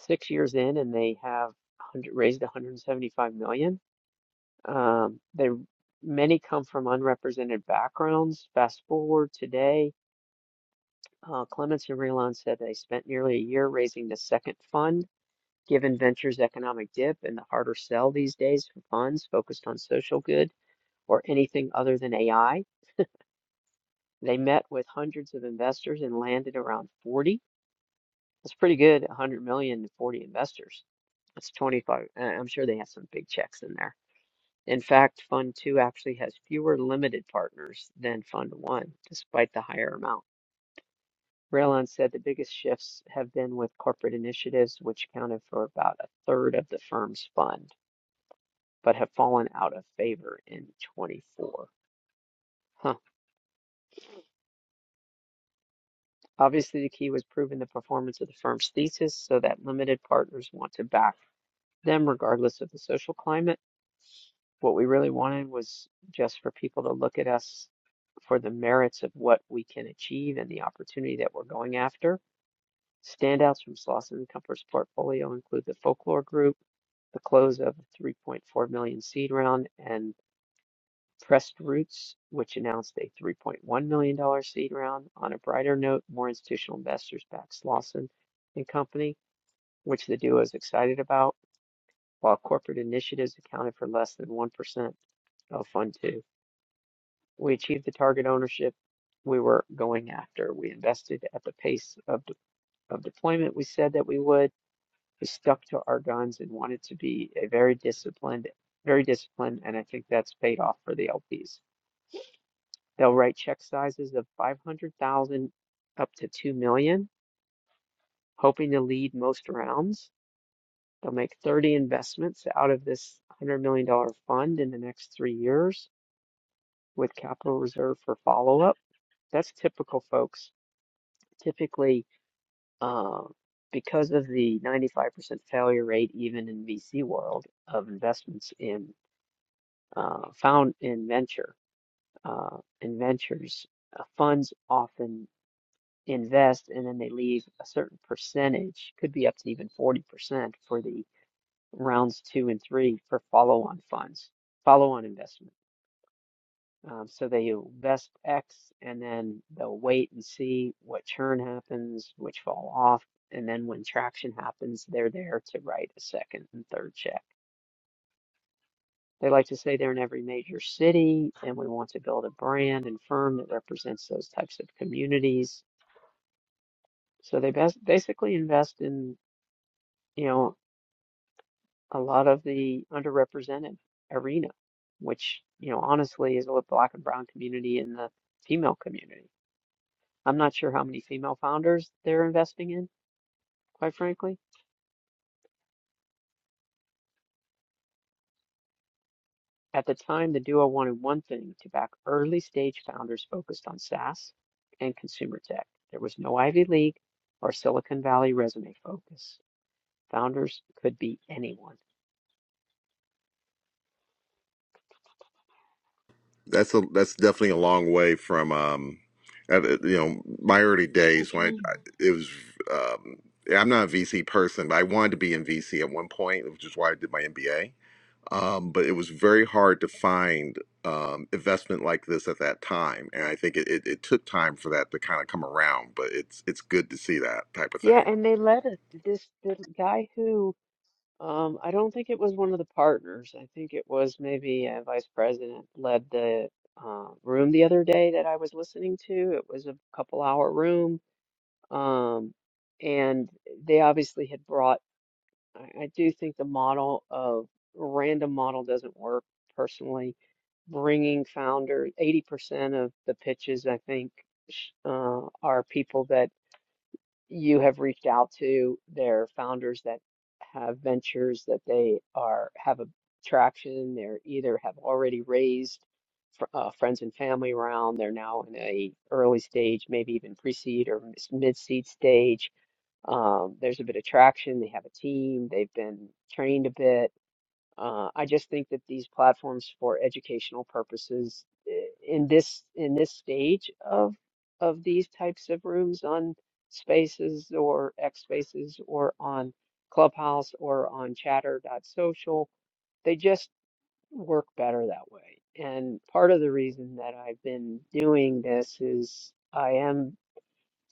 A: six years in, and they have 100, raised 175 million. dollars. Um, they many come from unrepresented backgrounds. Fast forward today, uh, Clements and Raylan said they spent nearly a year raising the second fund. Given ventures economic dip and the harder sell these days for funds focused on social good. or anything other than AI. They met with hundreds of investors and landed around 40. That's pretty good, 100 million to 40 investors. That's 25. uh, I'm sure they have some big checks in there. In fact, Fund 2 actually has fewer limited partners than Fund 1, despite the higher amount. Raylon said the biggest shifts have been with corporate initiatives, which accounted for about a third of the firm's fund, but have fallen out of favor in 24. Huh. Obviously, the key was proving the performance of the firm's thesis so that limited partners want to back them regardless of the social climate. What we really wanted was just for people to look at us for the merits of what we can achieve and the opportunity that we're going after. Standouts from Slauson and Comfort's portfolio include the Folklore Group, the close of a 3.4 million seed round, and. Pressed Roots, which announced a $3.1 million dollar seed round. On a brighter note, more institutional investors backed Slauson and Company, which the duo is excited about, while corporate initiatives accounted for less than 1% of Fund 2. We achieved the target ownership we were going after. We invested at the pace of, de- of deployment we said that we would. We stuck to our guns and wanted to be a very disciplined, very disciplined, and I think that's paid off for the LPs. They'll write check sizes of 500,000 up to 2 million, hoping to lead most rounds. They'll make 30 investments out of this $100 million dollars fund in the next three years with capital reserve for follow-up. That's typical, folks. Typically, uh, because of the 95% failure rate, even in VC world, of investments in uh, found in venture uh, in ventures, uh, funds often invest and then they leave a certain percentage, could be up to even 40% for the rounds two and three for follow-on funds, follow-on investment. Um, so they invest X and then they'll wait and see what churn happens, which fall off, and then when traction happens, they're there to write a second and third check. They like to say they're in every major city, and we want to build a brand and firm that represents those types of communities. So they bas basically invest in, you know, a lot of the underrepresented arena, which, you know, honestly is what black and brown community and the female community. I'm not sure how many female founders they're investing in, quite frankly. At the time, the duo wanted one thing to back early stage founders focused on SaaS and consumer tech. There was no Ivy League or Silicon Valley resume focus. Founders could be anyone.
D: that's a that's definitely a long way from um at- at, you know my early days when I, it was um yeah, I'm not a VC person, but I wanted to be in VC at one point, which is why I did my MBA. Um, but it was very hard to find um, investment like this at that time, and I think it, it, it took time for that to kind of come around. But it's it's good to see that type of
A: Yeah,
D: thing.
A: and they led it. This the guy who Um, I don't think it was one of the partners. I think it was maybe a vice president led the uh, room the other day that I was listening to. It was a couple hour room. Um, and they obviously had brought, I, I do think the model of random model doesn't work personally. Bringing founders, 80% of the pitches, I think, sh- uh, are people that you have reached out to their founders that have ventures that they are have a traction they're either have already raised fr- uh, friends and family round they're now in a early stage maybe even pre-seed or mis- mid-seed stage um, there's a bit of traction they have a team they've been trained a bit uh, I just think that these platforms for educational purposes i- in this in this stage of of these types of rooms on Spaces or X Spaces or on Clubhouse or on Chatter.social, they just work better that way. And part of the reason that I've been doing this is I am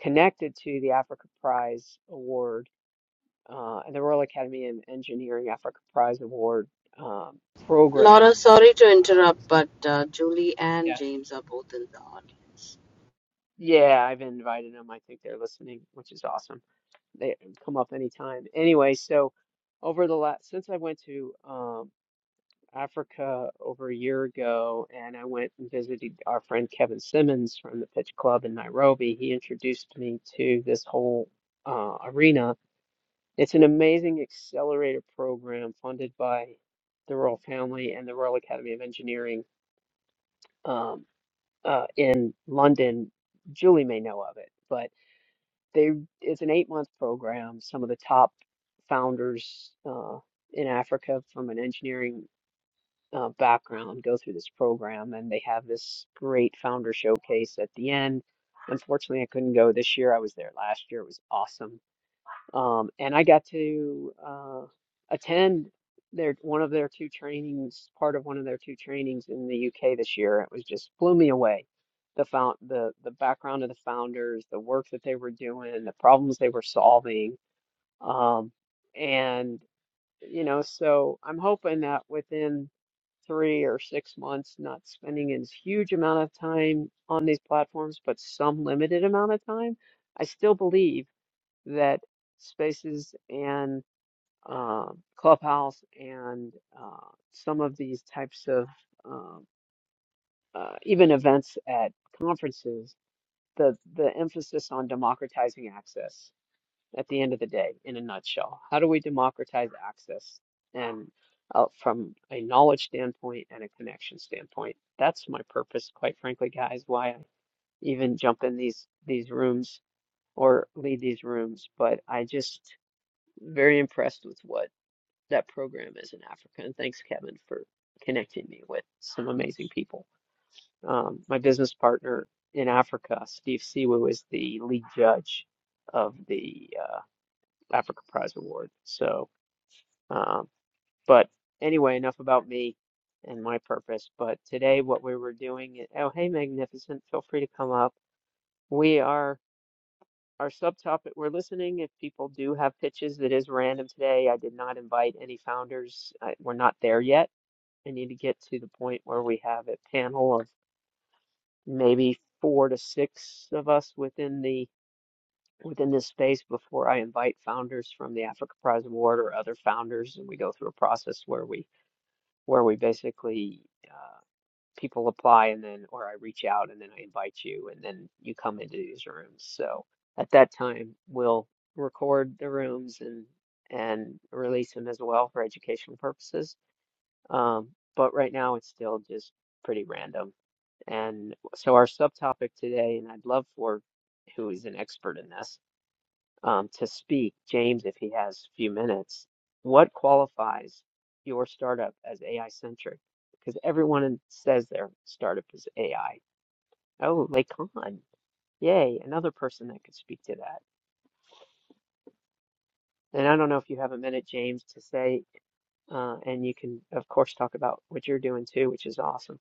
A: connected to the Africa Prize Award uh, and the Royal Academy of Engineering Africa Prize Award um,
B: Laura,
A: program.
B: sorry to
A: Um,
B: interrupt,
A: so
B: but uh, Julie and
A: yeah,
B: James are both in the audience.
A: yeah, I've invited them. I think they're listening, which is awesome. They can come up anytime. Anyway, so over the last since I went to um, Africa over a year ago, and I went and visited our friend Kevin Simmons from the Pitch Club in Nairobi. He introduced me to this whole uh, arena It's an amazing accelerator program funded by the Royal Family and the Royal Academy of Engineering um, uh, in London. Julie may know of it, but they it's an eight month program. Some of the top founders uh, in Africa from an engineering uh, background go through this program, and they have this great founder showcase at the end. Unfortunately, I couldn't go this year. I was there last year. It was awesome um, and I got to uh, attend their one of their two trainings, part of one of their two trainings in the UK this year. It was just blew me away. The found the the background of the founders, the work that they were doing, the problems they were solving, um, and you know, so I'm hoping that within three or six months, not spending a huge amount of time on these platforms, but some limited amount of time, I still believe that spaces and uh, clubhouse and uh, some of these types of um uh, even events at conferences, the the emphasis on democratizing access at the end of the day, in a nutshell, how do we democratize access and uh, from a knowledge standpoint and a connection standpoint, that's my purpose, quite frankly, guys. Why I even jump in these these rooms or lead these rooms, but I just very impressed with what that program is in Africa. And thanks, Kevin, for connecting me with some amazing people. Um, my business partner in Africa, Steve Siwu, is the lead judge of the uh, Africa Prize Award. So, um, but anyway, enough about me and my purpose. But today, what we were doing, oh, hey, Magnificent, feel free to come up. We are. our subtopic we're listening if people do have pitches that is random today i did not invite any founders I, we're not there yet i need to get to the point where we have a panel of maybe four to six of us within the within this space before i invite founders from the africa prize award or other founders and we go through a process where we where we basically uh, people apply and then or I reach out and then I invite you and then you come into these rooms. So at that time we'll record the rooms and and release them as well for educational purposes. Um, but right now it's still just pretty random. And so our subtopic today, and I'd love for who is an expert in this um, to speak, James, if he has a few minutes, what qualifies your startup as AI centric? Because everyone in- says their startup is AI. Oh, Lacan. Yay, another person that could speak to that. And I don't know if you have a minute, James, to say, uh, and you can, of course, talk about what you're doing too, which is awesome.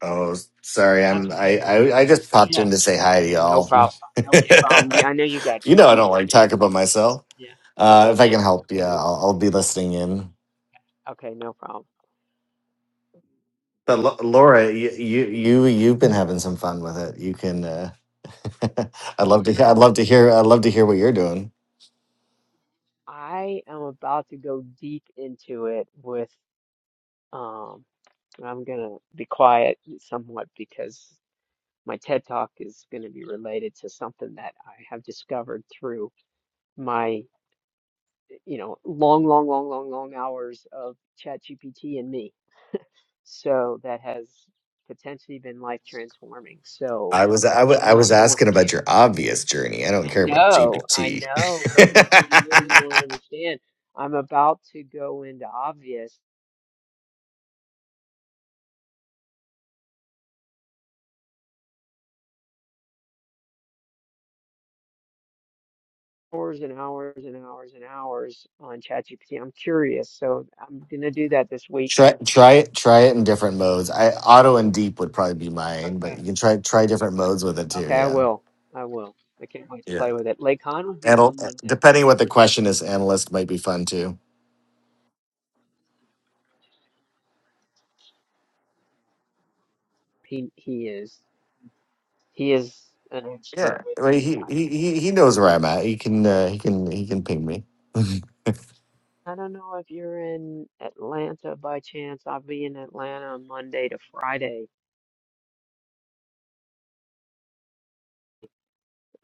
E: Oh, sorry.
A: That's
E: I'm.
A: okay.
E: I, I. I just popped
A: Yeah.
E: in to say hi to
A: Yeah, no
E: y'all. [laughs]
A: problem. No problem. Yeah, I know you got
E: you know, I don't
A: kids.
E: like talk about myself.
A: Yeah.
E: Uh,
A: Okay,
E: if I
A: no,
E: can help, yeah, I'll, I'll be listening in.
A: okay, no problem.
E: But Lo- Laura, you, you, you, you've been having some fun with it. You can. Uh, [laughs] I'd love to. I'd love to hear. I'd love to hear what you're doing.
A: I am about to go deep into it with, um, and I'm gonna be quiet somewhat because my TED Talk is gonna be related to something that I have discovered through my, you know, long, long, long, long, long hours of ChatGPT and me. So that has potentially been life transforming. So
E: I was
A: uh,
E: I wa-
A: I
E: I
A: don't,
E: was
A: I want,
E: asking about your obvious journey. I don't
A: I
E: care about
A: know, I
E: GPT.
A: know, but no, no, you don't understand. I'm about to go into obvious. hours and hours and hours and hours on ChatGPT. I'm curious, so I'm gonna do that this
E: [laughs]
A: week.
E: try try it try it in different modes. I auto and deep would probably be mine, but
A: Okay.
E: you can try try different modes with it too.
A: Okay, I
E: Yeah,
A: will. I will. I can't wait to
E: yeah.
A: play with it. Lake Khan would be
E: Anal-
A: someone that
E: depending what the question is, analyst might be fun too.
A: he he is he is an expert
E: Yeah,
A: with
E: I mean, he
A: AI.
E: he he he knows where I'm at. He can uh, he can he can ping me.
A: I don't know if you're in Atlanta by chance. I'll be in Atlanta Monday to Friday.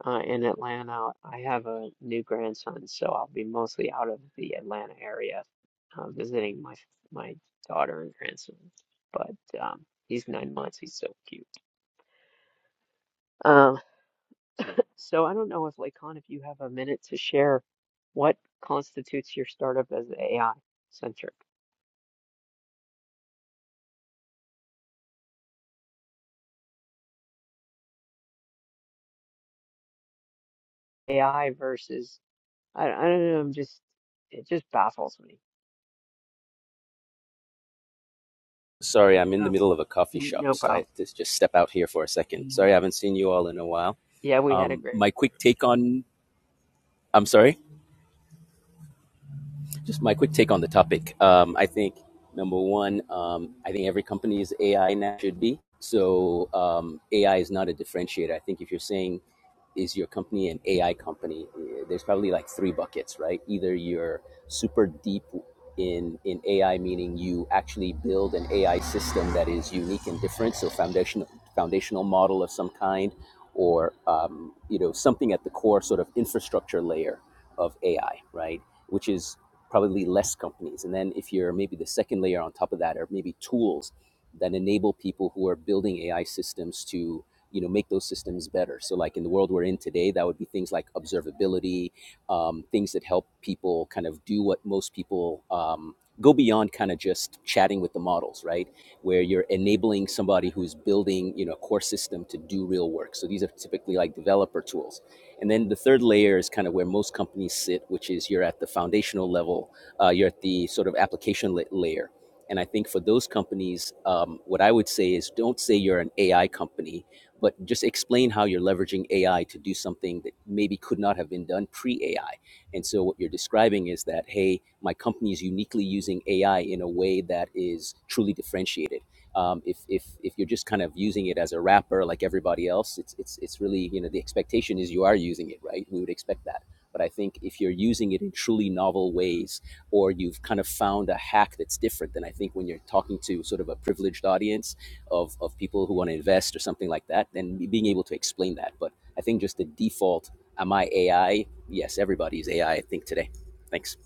A: uh, in Atlanta. I have a new grandson, so I'll be mostly out of the Atlanta area, uh, visiting my my daughter and grandson. But um, he's nine months. He's so cute. Uh, so I don't know if Lakon, if you have a minute to share, what constitutes your startup as AI centric? AI versus I, I don't know. I'm just it just baffles me.
F: Sorry, I'm in
A: Oh,
F: the
A: no
F: middle of a coffee
A: problem.
F: shop,
A: No
F: so I
A: problem.
F: had to just step out here for a second. Sorry, I haven't seen you all in a while.
A: Yeah, we had a
F: Um,
A: great.
F: my quick take on, I'm sorry, just my quick take on the topic. Um, I think number one, um, I think every company is AI now should be. So um, AI is not a differentiator. I think if you're saying is your company an AI company? Eh, There's probably like three buckets, right? Either you're super deep in in AI, meaning you actually build an AI system that is unique and different, so foundational foundational model of some kind, or um, you know something at the core sort of infrastructure layer of AI, right? Which is probably less companies. And then if you're maybe the second layer on top of that, or maybe tools that enable people who are building AI systems to you know make those systems better so like in the world we're in today that would be things like observability um, things that help people kind of do what most people um, go beyond kind of just chatting with the models right where you're enabling somebody who's building you know a core system to do real work so these are typically like developer tools and then the third layer is kind of where most companies sit which is you're at the foundational level uh, you're at the sort of application layer and i think for those companies um, what i would say is don't say you're an ai company but just explain how you're leveraging AI to do something that maybe could not have been done pre AI. And so what you're describing is that, hey, my company is uniquely using AI in a way that is truly differentiated. Um, if, if, if you're just kind of using it as a wrapper like everybody else, it's, it's, it's really, you know, the expectation is you are using it, right? We would expect that. But I think if you're using it in truly novel ways, or you've kind of found a hack that's different, then I think when you're talking to sort of a privileged audience of, of people who want to invest or something like that, then being able to explain that. But I think just the default, am I AI? Yes, everybody's AI, I I think, today. Thanks.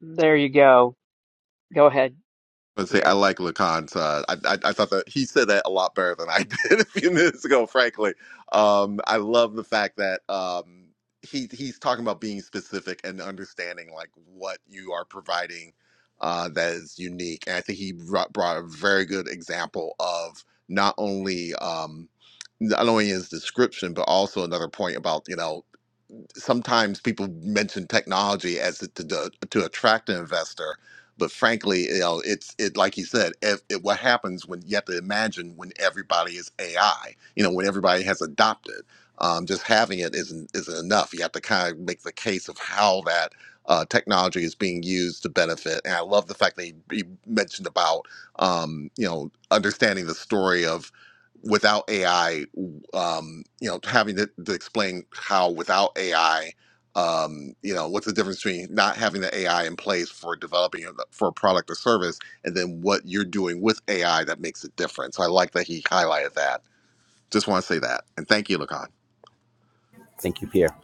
A: There you go. Go ahead,
D: But say I
A: Pierre.
D: like Lacan's. Uh, I, I I thought that he said that a lot better than I did [laughs] a few minutes ago. Frankly, um, I love the fact that um, he he's talking about being specific and understanding like what you are providing uh, that is unique. And I think he brought, brought a very good example of not only um, not only his description, but also another point about you know sometimes people mention technology as the, to, to, to attract an investor, but frankly, you know, it's it like you said, if, it, what happens when you have to imagine when everybody is AI, you know, when everybody has adopted. Um, just having it isn't isn't enough. You have to kind of make the case of how that uh, technology is being used to benefit. And I love the fact that he, he mentioned about um, you know understanding the story of without AI, um, you know, having to, to explain how without AI, um, you know, what's the difference between not having the AI in place for developing a- for a product or service, and then what you're doing with AI that makes it different. So I like that he highlighted that. Just want to say that, and thank you, Lacan.
F: Thank you, Pierre.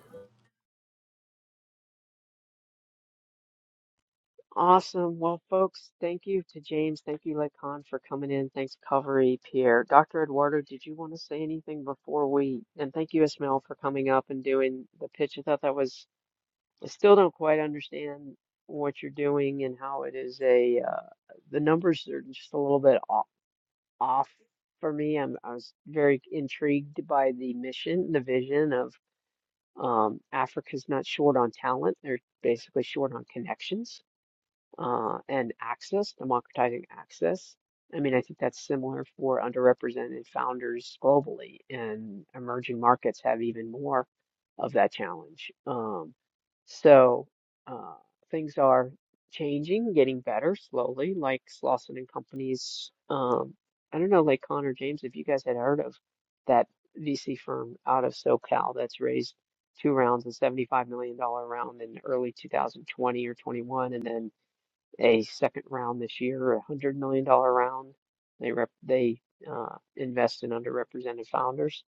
A: Awesome. Well, folks, thank you to James. Thank you, Lacan, for coming in. Thanks, Covery, Pierre. Dr. Eduardo, did you want to say anything before we? And thank you, Ismail, for coming up and doing the pitch. I thought that was, I still don't quite understand what you're doing and how it is a, uh, the numbers are just a little bit off, off for me. I'm, I was very intrigued by the mission, the vision of um, Africa's not short on talent. They're basically short on connections uh, and access, democratizing access. I mean, I think that's similar for underrepresented founders globally, and emerging markets have even more of that challenge. Um, so uh, things are changing, getting better slowly, like Slauson and Company's. Um, I don't know, like Connor James, if you guys had heard of that VC firm out of SoCal that's raised two rounds, a $75 million dollar round in early 2020 or 21, and then a second round this year, a hundred million dollar round. They rep they uh, invest in underrepresented founders.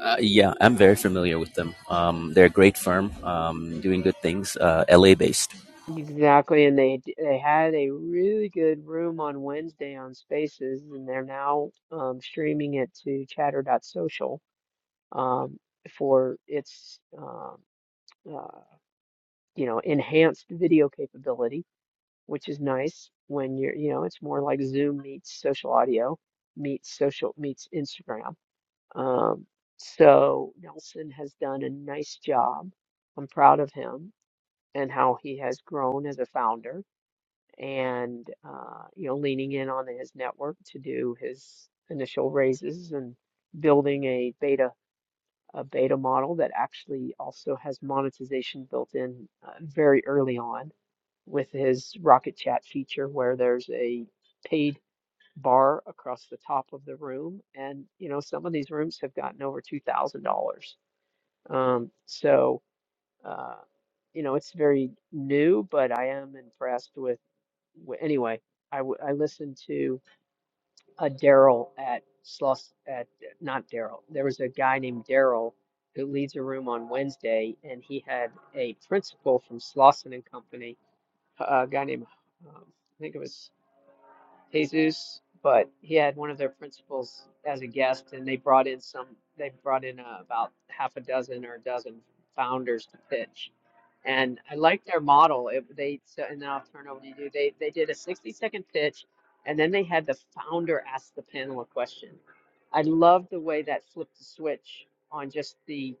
F: Uh, yeah, I'm very familiar with them. Um, they're a great firm, um, doing good things, uh, LA based.
A: Exactly, and they d- they had a really good room on Wednesday on Spaces, and they're now um, streaming it to Chatter.social um, for its um uh, you know enhanced video capability, which is nice when you're you know it's more like Zoom meets social audio meets social meets Instagram Um, so Nelson has done a nice job. I'm proud of him and how he has grown as a founder and uh, you know leaning in on his network to do his initial raises and building a beta a beta model that actually also has monetization built in uh, very early on with his Rocket Chat feature where there's a paid bar across the top of the room. And, you know, some of these rooms have gotten over $2,000. Um, so, uh, you know, it's very new, but I am impressed with, wi- anyway, I, w I listened to a Daryl at Sloss, at, not Daryl, there was a guy named Daryl who leads a room on Wednesday, and he had a principal from Slauson and Company, a a guy named, um, I think it was. Jesus, but he had one of their principals as a guest, and they brought in some. They brought in uh, about half a dozen or a dozen founders to pitch, and I liked their model. It, they so, and then I'll turn over to you. They they did a sixty second pitch, and then they had the founder ask the panel a question. I loved the way that flipped the switch on just the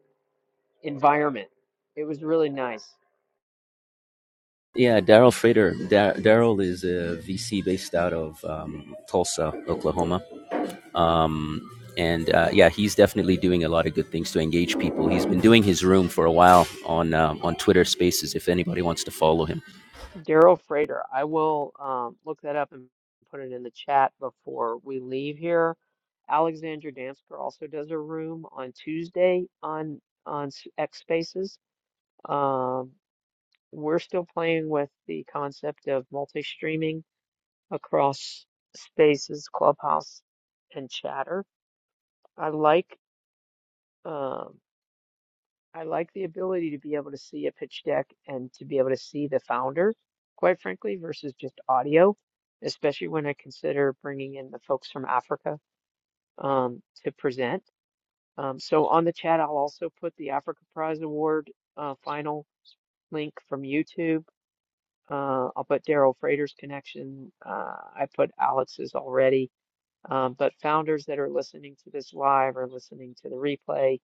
A: environment. It was really nice.
F: Yeah, Daryl Frater. Dar- Daryl is a VC based out of um, Tulsa, Oklahoma. um, and uh, yeah, he's definitely doing a lot of good things to engage people. He's been doing his room for a while on um, on Twitter Spaces. If anybody wants to follow him,
A: Daryl Frater. I will um, look that up and put it in the chat before we leave here. Alexandra Damsker also does a room on Tuesday on on S- X Spaces. Um, we're still playing with the concept of multi-streaming across Spaces, Clubhouse, and Chatter. I like. um I like the ability to be able to see a pitch deck and to be able to see the founder, quite frankly, versus just audio, especially when I consider bringing in the folks from Africa um, to present. Um, so on the chat, I'll also put the Africa Prize Award uh, final link from YouTube. Uh, I'll put Daryl Frater's connection. Uh, I put Alex's already. Um, but founders that are listening to this live or listening to the replay,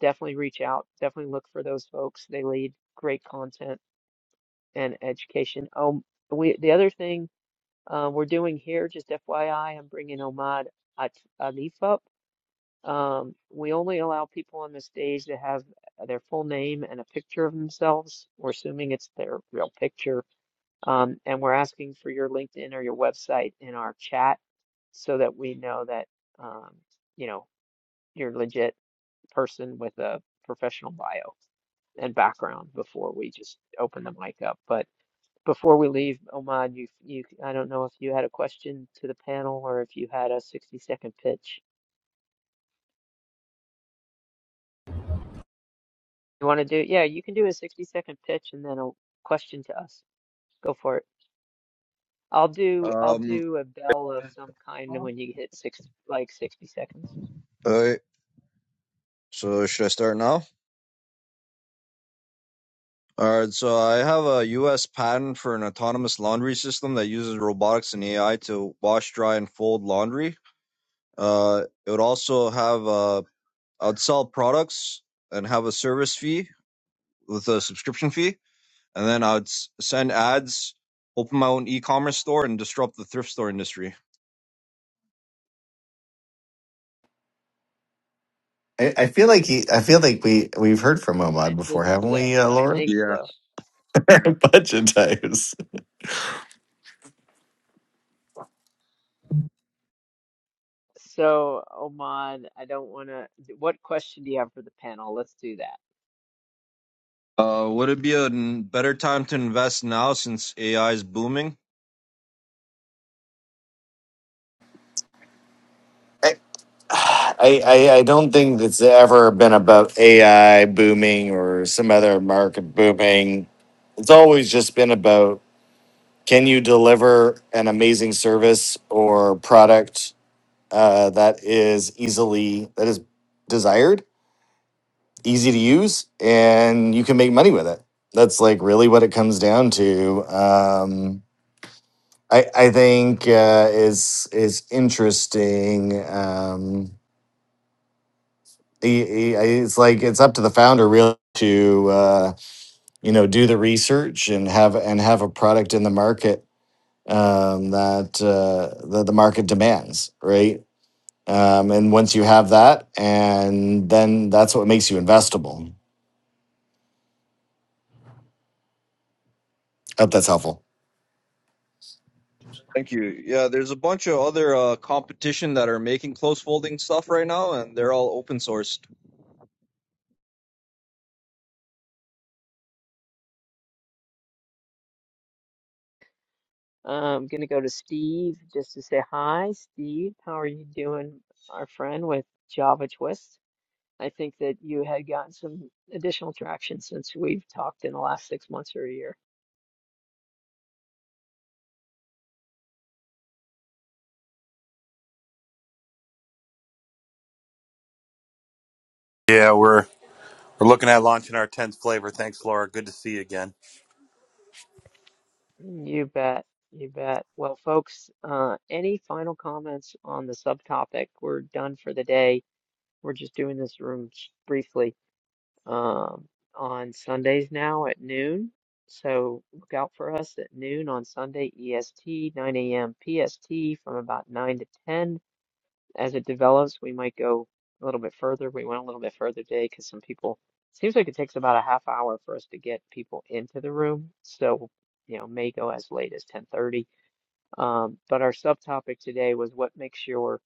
A: definitely reach out. Definitely look for those folks. They lead great content and education. Um, we the other thing uh, we're doing here, just FYI, I'm bringing Omad At- Alif up. Um, we only allow people on the stage to have their full name and a picture of themselves. We're assuming it's their real picture. Um, and we're asking for your LinkedIn or your website in our chat so that we know that um, you know your legit person with a professional bio and background before we just open the mic up. But before we leave, Omad, you you I don't know if you had a question to the panel or if you had a 60 second pitch. You want to do, yeah, you can do a 60 second pitch and then a question to us. Go for it. I'll do I'll
G: Um,
A: do a bell of some kind when you hit six like 60 seconds.
G: alright, so should I start now? Alright, so I have a US patent for an autonomous laundry system that uses robotics and AI to wash, dry, and fold laundry. Uh, it would also have, uh, I'd sell products and have a service fee with a subscription fee, and then I'd s- send ads, open my own e-commerce store, and disrupt the thrift store industry.
E: I, I feel like he. I feel like we we've heard from
A: I
E: Omad
A: think
E: before, haven't
A: so.
E: we, uh,
A: I
E: Laura?
A: think
G: Yeah.
A: so.
E: [laughs] a bunch of times.
A: So, Oman, I don't want to. What question do you have for the panel? Let's do that.
G: Uh, would it be a n- better time to invest now since AI is booming?
E: I, I, I don't think it's ever been about AI booming or some other market booming. It's always just been about can you deliver an amazing service or product uh, that is easily that is desired, easy to use, and you can make money with it. That's like really what it comes down to. Um, I I think uh, is is interesting. Um, he- he- it's like it's up to the founder really to uh, you know do the research and have and have a product in the market um, that uh, that the market demands, right? Um, and once you have that, and then that's what makes you investable. Hope that's helpful.
G: Thank you. Yeah, there's a bunch of other uh, competition that are making close folding stuff right now, and they're all open source.
A: I'm going to go to Steve just to say hi. Steve, how are you doing, our friend, with Java Twist? I think that you had gotten some additional traction since we've talked in the last six months or a year.
H: Yeah, we're we're looking at launching our tenth flavor. Thanks, Laura. Good to see you again.
A: Mm, You bet. You bet. Well, folks, uh, any final comments on the subtopic? We're done for the day. We're just doing this room briefly. um, on Sundays now at noon. So look out for us at noon on Sunday EST, 9 a.m. PST from about 9 to 10. As it develops, we might go a little bit further. We went a little bit further today because some people, seems like it takes about a half hour for us to get people into the room. So, you know, may go as late as 10:30. Um, but our subtopic today was what makes your,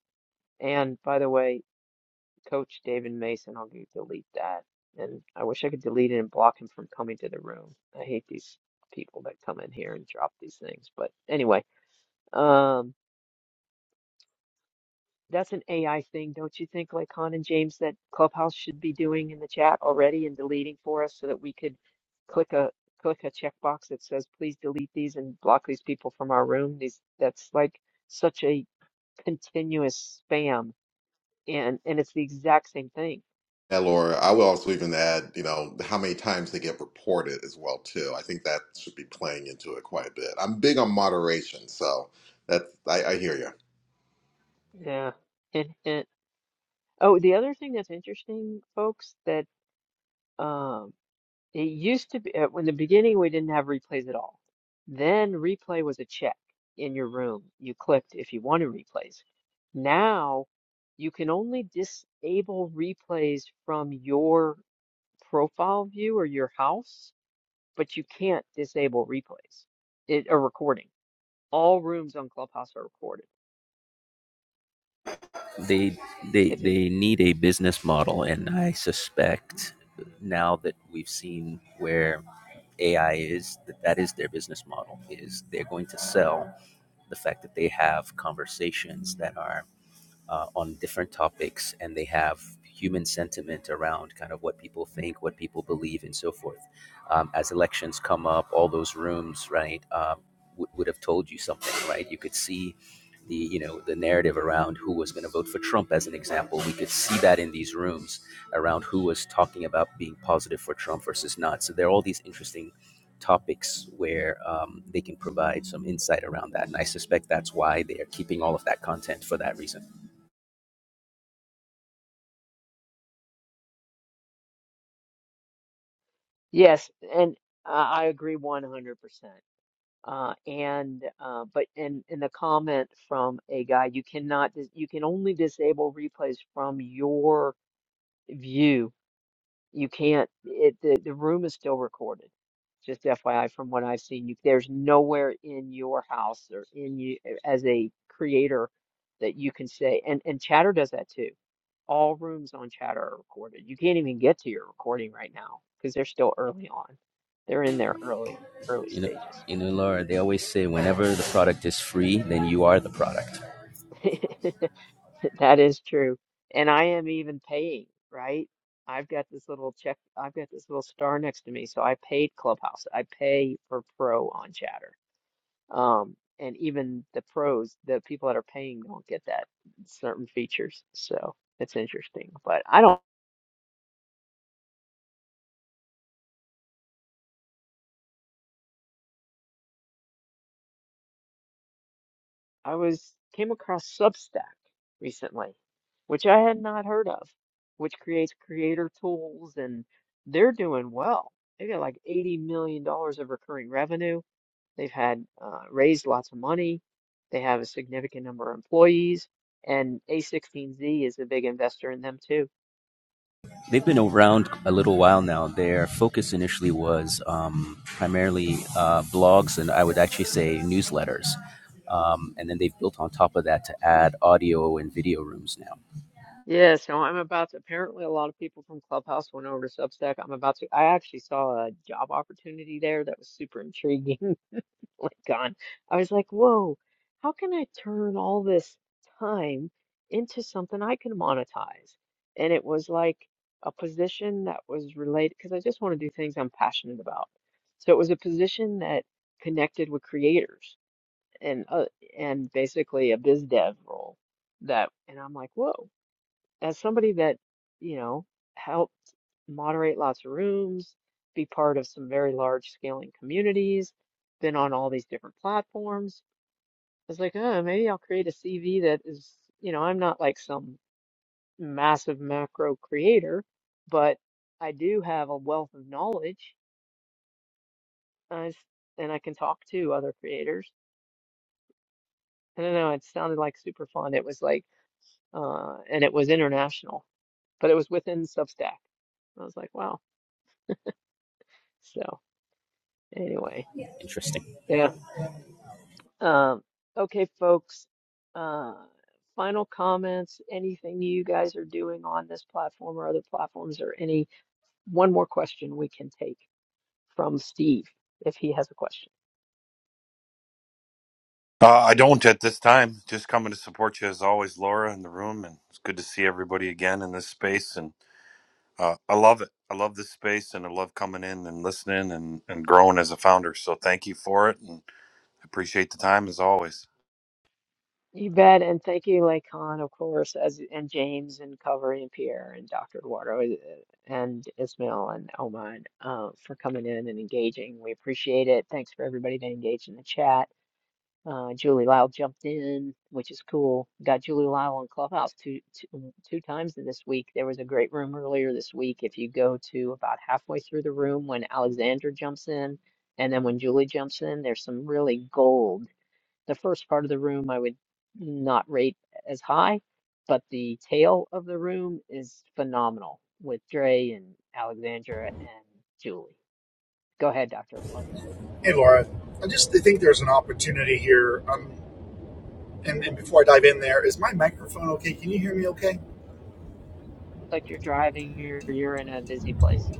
A: and by the way, Coach David Mason. I'll go delete that. And I wish I could delete it and block him from coming to the room. I hate these people that come in here and drop these things. But anyway, um, that's an AI thing, don't you think, like Con and James, that Clubhouse should be doing in the chat already and deleting for us so that we could click a click a checkbox that says please delete these and block these people from our room. These that's like such a continuous spam and and it's the exact same thing.
D: Yeah, Laura. I will also even add, you know, how many times they get reported as well too. I think that should be playing into it quite a bit. I'm big on moderation, so that I, I hear you.
A: Yeah. [laughs] Oh, the other thing that's interesting, folks, that um, it used to be uh, in the beginning we didn't have replays at all. Then replay was a check in your room. You clicked if you wanted replays. Now you can only disable replays from your profile view or your house, but you can't disable replays. It a recording. All rooms on Clubhouse are recorded.
F: they they
A: It's a,
F: they need a business model, and I suspect now that we've seen where AI is, that that is their business model. Is they're going to sell the fact that they have conversations that are uh, on different topics, and they have human sentiment around kind of what people think, what people believe, and so forth. Um, as elections come up, all those rooms, right, um, would would have told you something, right? You could see the you know the narrative around who was going to vote for Trump, as an example. We could see that in these rooms around who was talking about being positive for Trump versus not. So there are all these interesting topics where um, they can provide some insight around that. And I suspect that's why they are keeping all of that content for that reason.
A: yes, and I I agree 100%. Uh, and uh, but in in the comment from a guy, you cannot dis you can only disable replays from your view. You can't it the, the room is still recorded. Just FYI, from what I've seen, you, there's nowhere in your house or in you as a creator that you can say and and Chatter does that too. All rooms on Chatter are recorded. You can't even get to your recording right now because they're still early on. They're in their early early
F: You know,
A: stages.
F: in Ular, they always say whenever the product is free, then you are the product.
A: [laughs] That is true. And I am even paying, right? I've got this little check, I've got this little star next to me, so I paid Clubhouse. I pay for Pro on Chatter. Um, and even the pros, the people that are paying don't get that certain features. So it's interesting. But I don't, I was came across Substack recently, which I had not heard of, which creates creator tools and they're doing well. They got like $80 million dollars of recurring revenue They've had uh, raised lots of money. They have a significant number of employees, and A16Z is a big investor in them too.
F: They've been around a little while now. Their focus initially was um, primarily uh, blogs and I would actually say newsletters. Um, and then they've built on top of that to add audio and video rooms now.
A: Yeah, so I'm about to, apparently a lot of people from Clubhouse went over to Substack. I'm about to, I actually saw a job opportunity there that was super intriguing. [laughs] like gone. I was like, whoa, how can I turn all this time into something I can monetize? And it was like a position that was related because I just want to do things I'm passionate about. So it was a position that connected with creators and uh, and basically a biz dev role that and I'm like, whoa, as somebody that, you know, helped moderate lots of rooms, be part of some very large scaling communities, been on all these different platforms. I was like, oh, maybe I'll create a CV that is, you know, I'm not like some massive macro creator, but I do have a wealth of knowledge I s- and I can talk to other creators. I don't know, it sounded like super fun. It was like, uh, and it was international, but it was within Substack. I was like, wow. So anyway.
F: Interesting.
A: yeah. Um, okay, folks, uh, final comments, anything you guys are doing on this platform or other platforms, or any one more question we can take from Steve if he has a question.
H: Uh, I don't at this time. Just coming to support you as always, Laura, in the room, and it's good to see everybody again in this space. And uh, I love it. I love this space, and I love coming in and listening and and growing as a founder. So thank you for it, and appreciate the time as always.
A: You bet, and thank you, Lacan, of course, as and James and Covery and Pierre and Dr. Eduardo uh, and Ismail and Oman uh, for coming in and engaging. We appreciate it. Thanks for everybody that engaged in the chat. Uh, Julie Lyle jumped in, which is cool. Got Julie Lyle on Clubhouse two, two, mm, two times this week. There was a great room earlier this week. If you go to about halfway through the room when Alexandra jumps in, and then when Julie jumps in, there's some really gold. The first part of the room I would not rate as high, but the tail of the room is phenomenal with Dre and Alexandra and Julie. Go ahead, Dr. Lord.
I: Hey, Laura. I just think there's an opportunity here. Um, and, and before I dive in there, is my microphone okay? Can you hear me okay?
A: Like you're driving, you're, you're in a busy place.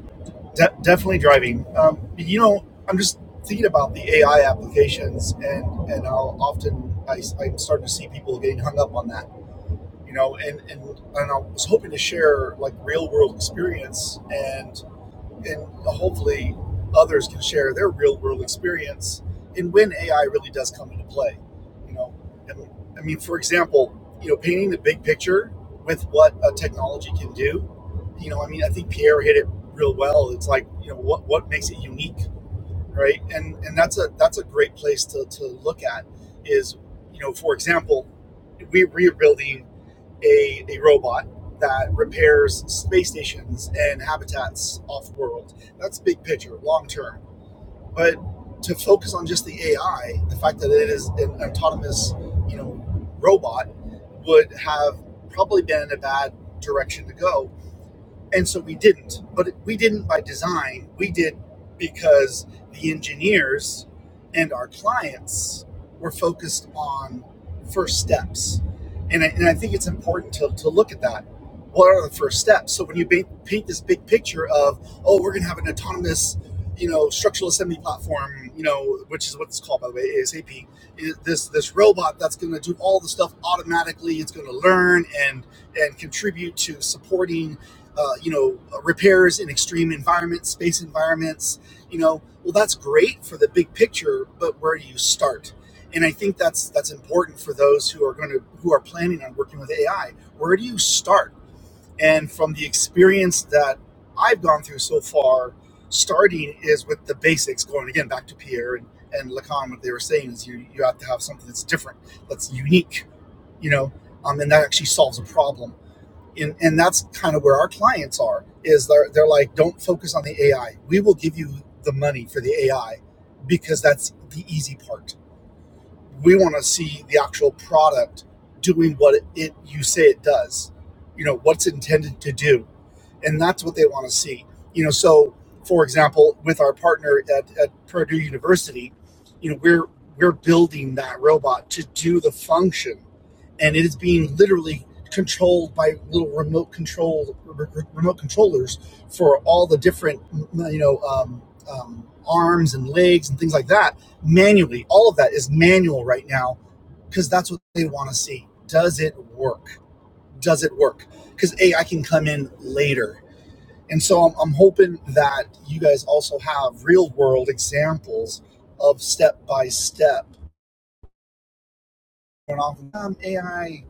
I: De- definitely driving. Um, you know, I'm just thinking about the AI applications, and and I'll often I, am starting to see people getting hung up on that. You know, and and and I was hoping to share like real world experience and and hopefully others can share their real world experience in when AI really does come into play. You know, I mean, I mean, for example, you know, painting the big picture with what a technology can do. You know, I mean, I think Pierre hit it real well. It's like you know what what makes it unique, right? And and that's a that's a great place to to look at is you know, for example, we we're building a, a robot that repairs space stations and habitats off world. That's big picture, long term. But to focus on just the AI, the fact that it is an autonomous, you know, robot would have probably been a bad direction to go and so we didn't but we didn't by design we did because the engineers and our clients were focused on first steps and I, and I think it's important to, to look at that what are the first steps so when you ba- paint this big picture of oh we're going to have an autonomous you know structural assembly platform you know which is what it's called by the way asap this this robot that's going to do all the stuff automatically it's going to learn and and contribute to supporting uh, you know, repairs in extreme environments, space environments, you know, well, that's great for the big picture, but where do you start? And I think that's that's important for those who are going to who are planning on working with AI. Where do you start? And from the experience that I've gone through so far, starting is with the basics. Going again back to Pierre and and Lacan, what they were saying is you you have to have something that's different, that's unique, you know, um, and that actually solves a problem and and that's kind of where our clients are is they're, they're like don't focus on the ai we will give you the money for the ai because that's the easy part we want to see the actual product doing what it, it you say it does you know what's intended to do and that's what they want to see you know so for example with our partner at, at purdue university you know we're we're building that robot to do the function and it is being literally controlled by little remote control remote controllers for all the different you know um, um, arms and legs and things like that manually all of that is manual right now because that's what they want to see does it work does it work because a i can come in later and so I'm, I'm hoping that you guys also have real world examples of step by step going off um, ai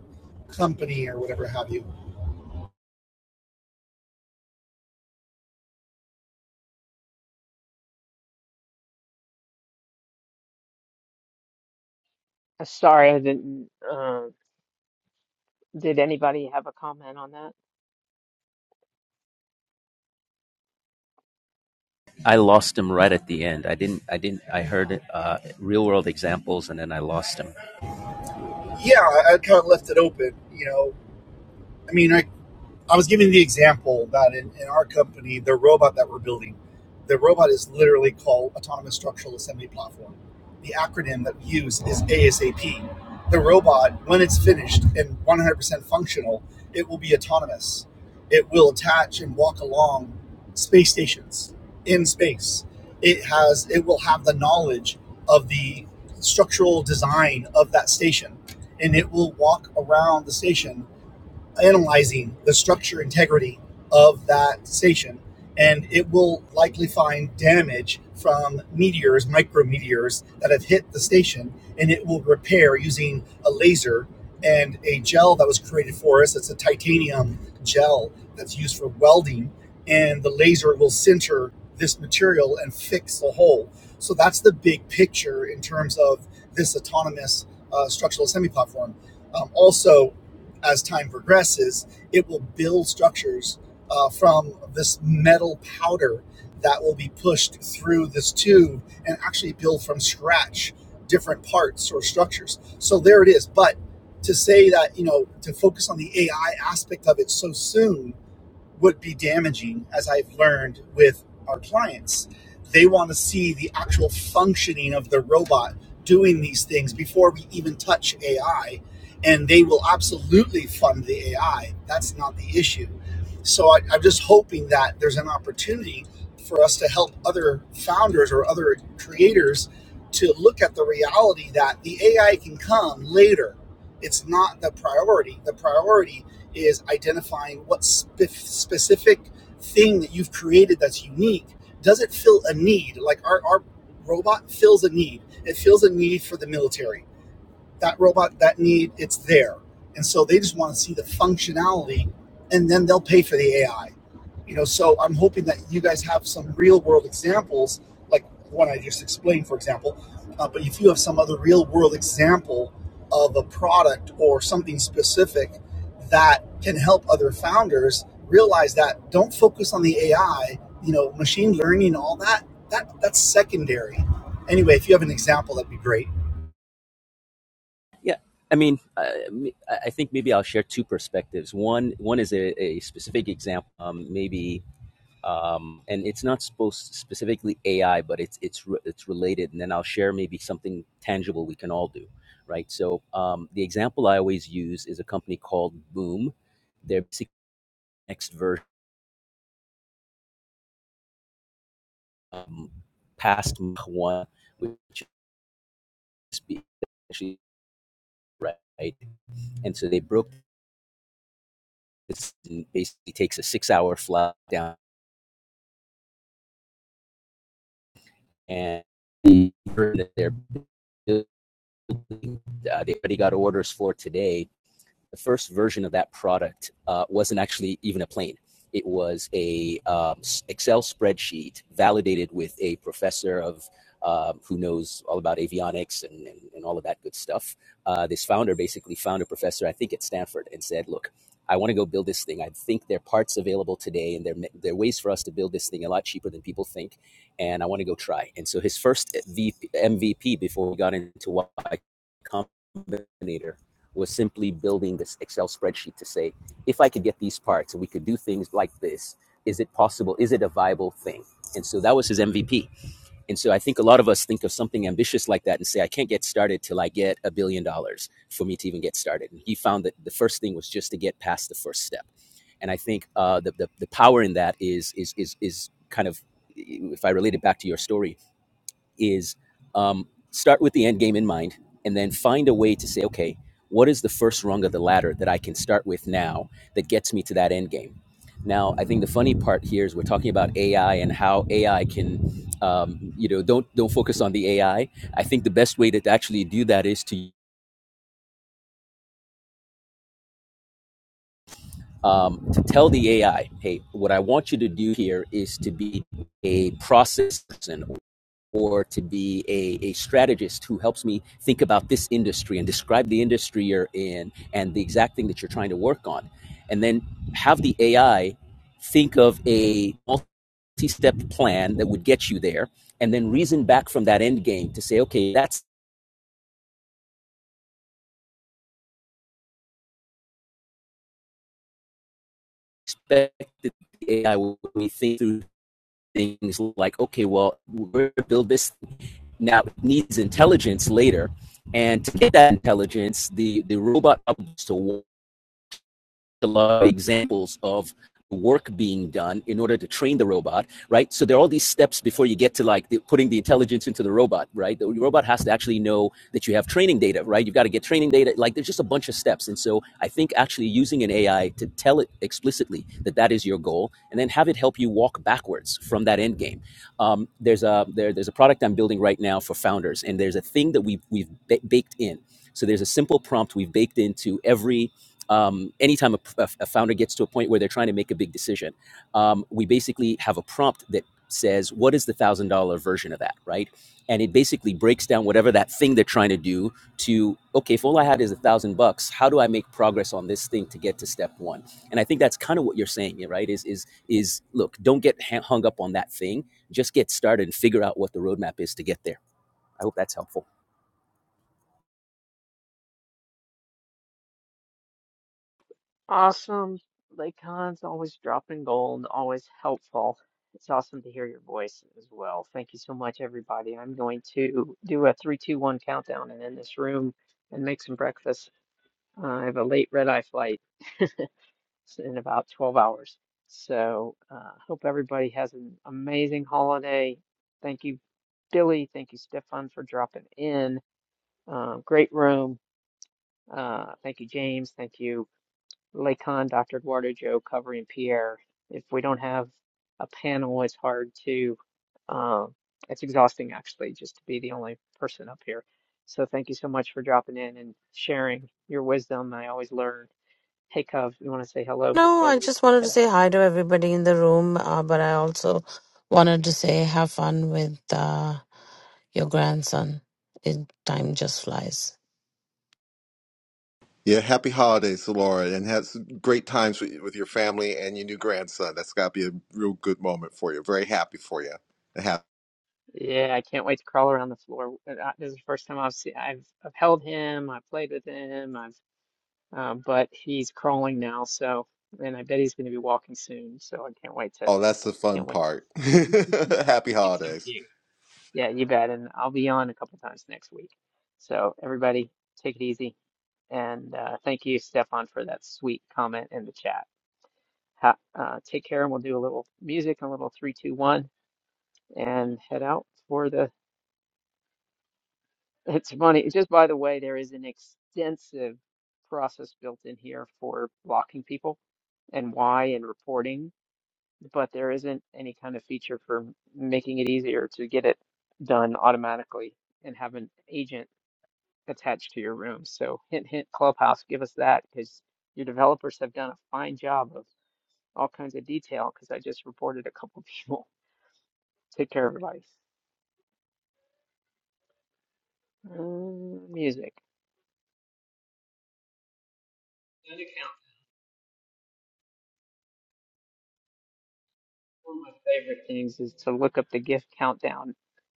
I: company or whatever have you
A: Uh, Sorry, I didn't. Uh, did anybody have a comment on that?
F: I lost him right at the end. I didn't. I didn't. I
A: Yeah.
F: heard uh, real world examples, and then I lost him.
I: Yeah, I, I kind of left it open. You know, I mean, I I was giving the example that in, in our company, the robot that we're building, the robot is literally called Autonomous Structural Assembly Platform. The acronym that we use is ASAP. The robot, when it's finished and 100% functional, it will be autonomous. It will attach and walk along space stations in space. It has, it will have the knowledge of the structural design of that station, and it will walk around the station analyzing the structure integrity of that station, and it will likely find damage from meteors, micrometeors that have hit the station, and it will repair using a laser and a gel that was created for us. It's a titanium gel that's used for welding, and the laser will sinter this material and fix the hole. So that's the big picture in terms of this autonomous uh, structural semi platform. Um, also, as time progresses, it will build structures uh, from this metal powder that will be pushed through this tube and actually build from scratch different parts or structures. So there it is. But to say that, you know, to focus on the AI aspect of it so soon would be damaging, as I've learned with our clients. They want to see the actual functioning of the robot doing these things before we even touch AI. And they will absolutely fund the AI. That's not the issue. So I, I'm just hoping that there's an opportunity for us to help other founders or other creators to look at the reality that the AI can come later. It's not the priority. The priority is identifying what spe- specific thing that you've created that's unique. Does it fill a need? Like our, our robot fills a need. It fills a need for the military that robot, that need, it's there. And so they just want to see the functionality and then they'll pay for the AI. You know, so I'm hoping that you guys have some real world examples, like one I just explained, for example. Uh, but if you have some other real world example of a product or something specific that can help other founders realize that don't focus on the AI, you know, machine learning, all that, that that's secondary. Anyway, if you have an example, that'd be great.
F: Yeah, I mean, I, I think maybe I'll share two perspectives. One, one is a, a specific example, um, maybe, um, and it's not supposed specifically AI, but it's it's re- it's related. And then I'll share maybe something tangible we can all do, right? So um, the example I always use is a company called Boom. Their basic next version, um, past Mach one, which is actually right, and so they broke this. And Basically, takes a six-hour flight down and they're building, uh, they already got orders for today the first version of that product uh, wasn't actually even a plane. It was a um, Excel spreadsheet validated with a professor of uh, who knows all about avionics and, and, and all of that good stuff. Uh, this founder basically found a professor, I think at Stanford, and said, "Look, I want to go build this thing. I think there are parts available today, and there there are ways for us to build this thing a lot cheaper than people think, and I want to go try." And so his first MVP before we got into Y Combinator was simply building this Excel spreadsheet to say, if I could get these parts and we could do things like this, is it possible? Is it a viable thing? And so that was his MVP. And so I think a lot of us think of something ambitious like that and say, I can't get started till I get a billion dollars for me to even get started. And he found that the first thing was just to get past the first step. And I think uh, the, the, the power in that is, is, is, is kind of, if I relate it back to your story, is um, start with the end game in mind and then find a way to say, okay, what is the first rung of the ladder that I can start with now that gets me to that end game? Now, I think the funny part here is we're talking about AI and how AI can, um, you know, don't don't focus on the AI. I I think the best way to actually do that is to um, to tell the AI, hey, what I want you to do here is to be a process person or to be a, a strategist who helps me think about this industry and describe the industry you're in and the exact thing that you're trying to work on. And then have the AI think of a multi step plan that would get you there and then reason back from that end game to say, okay, that's expected the AI when we think through things like, okay, well, we're going to build this now, it needs intelligence later. And to get that intelligence, the, the robot needs to a lot of examples of work being done in order to train the robot, right? So there are all these steps before you get to like the, putting the intelligence into the robot, right? The robot has to actually know that you have training data, right? You've got to get training data. Like there's just a bunch of steps. And so I think actually using an AI to tell it explicitly that that is your goal and then have it help you walk backwards from that end game. Um, there's a, there, there's a product I'm building right now for founders and there's a thing that we've, we've ba- baked in. So there's a simple prompt we've baked into every um, anytime a, a- founder gets to a point where they're trying to make a big decision, um, we basically have a prompt that says, "What is the one thousand dollar version of that?" Right, and it basically breaks down whatever that thing they're trying to do to okay, if all I had is a thousand bucks, how do I make progress on this thing to get to step one? And I think that's kind of what you're saying, yeah, right? Is is is look, don't get hung up on that thing. Just get started and figure out what the roadmap is to get there. I hope that's helpful.
A: Awesome. Like Khan's always dropping gold, always helpful. It's awesome to hear your voice as well. Thank you so much, everybody. I'm going to do a three, two, one countdown and end this room and make some breakfast. Uh, I have a late red eye flight s- in about 12 hours. So, uh, hope everybody has an amazing holiday. Thank you, Billy. Thank you, Stefan, for dropping in. Um, great room. Uh, thank you, James. Thank you, Lacan, Dr. Eduardo, Joe, Covery, and Pierre. If we don't have a panel, it's hard to, um, it's exhausting actually just to be the only person up here. So thank you so much for dropping in and sharing your wisdom. I always learn. Hey, Cove, you want to say hello
B: No,
A: before
B: I
A: we
B: just wanted
A: head
B: to
A: out?
B: say hi to everybody in the room, uh, but I also wanted to say have fun with uh, your grandson. It, time just flies.
D: Yeah, happy holidays, Laura, and have some great times with, with your family and your new grandson. That's got to be a real good moment for you. Very happy for you. Hap-
A: Yeah, I can't wait to crawl around the floor. Uh, This is the first time I've seen, I've, I've held him, I've played with him, I've Um, but he's crawling now, so and I bet he's going to be walking soon. So I can't wait to
D: Oh, that's the fun
A: can't wait
D: part. [laughs]
A: to. [laughs]
D: happy
A: He's so
D: holidays.
A: cute. Yeah, you bet. And I'll be on a couple times next week. So everybody, take it easy. And uh, thank you, Stefan, for that sweet comment in the chat. Ha uh, take care, and we'll do a little music, a little three, two, one, and head out for the. [laughs] It's funny. It's Just by the way, there is an extensive process built in here for blocking people and why and reporting. but there isn't any kind of feature for m- making it easier to get it done automatically and have an agent attached to your room. So hint, hint, Clubhouse, give us that because your developers have done a fine job of all kinds of detail because I just reported a couple people. [laughs] Take care, everybody. Mm, music. Gun account. One of my favorite things is to look up the gift countdown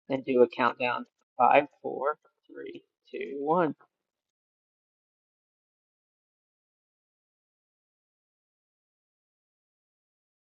A: and do a countdown. Five, four, three, two, one.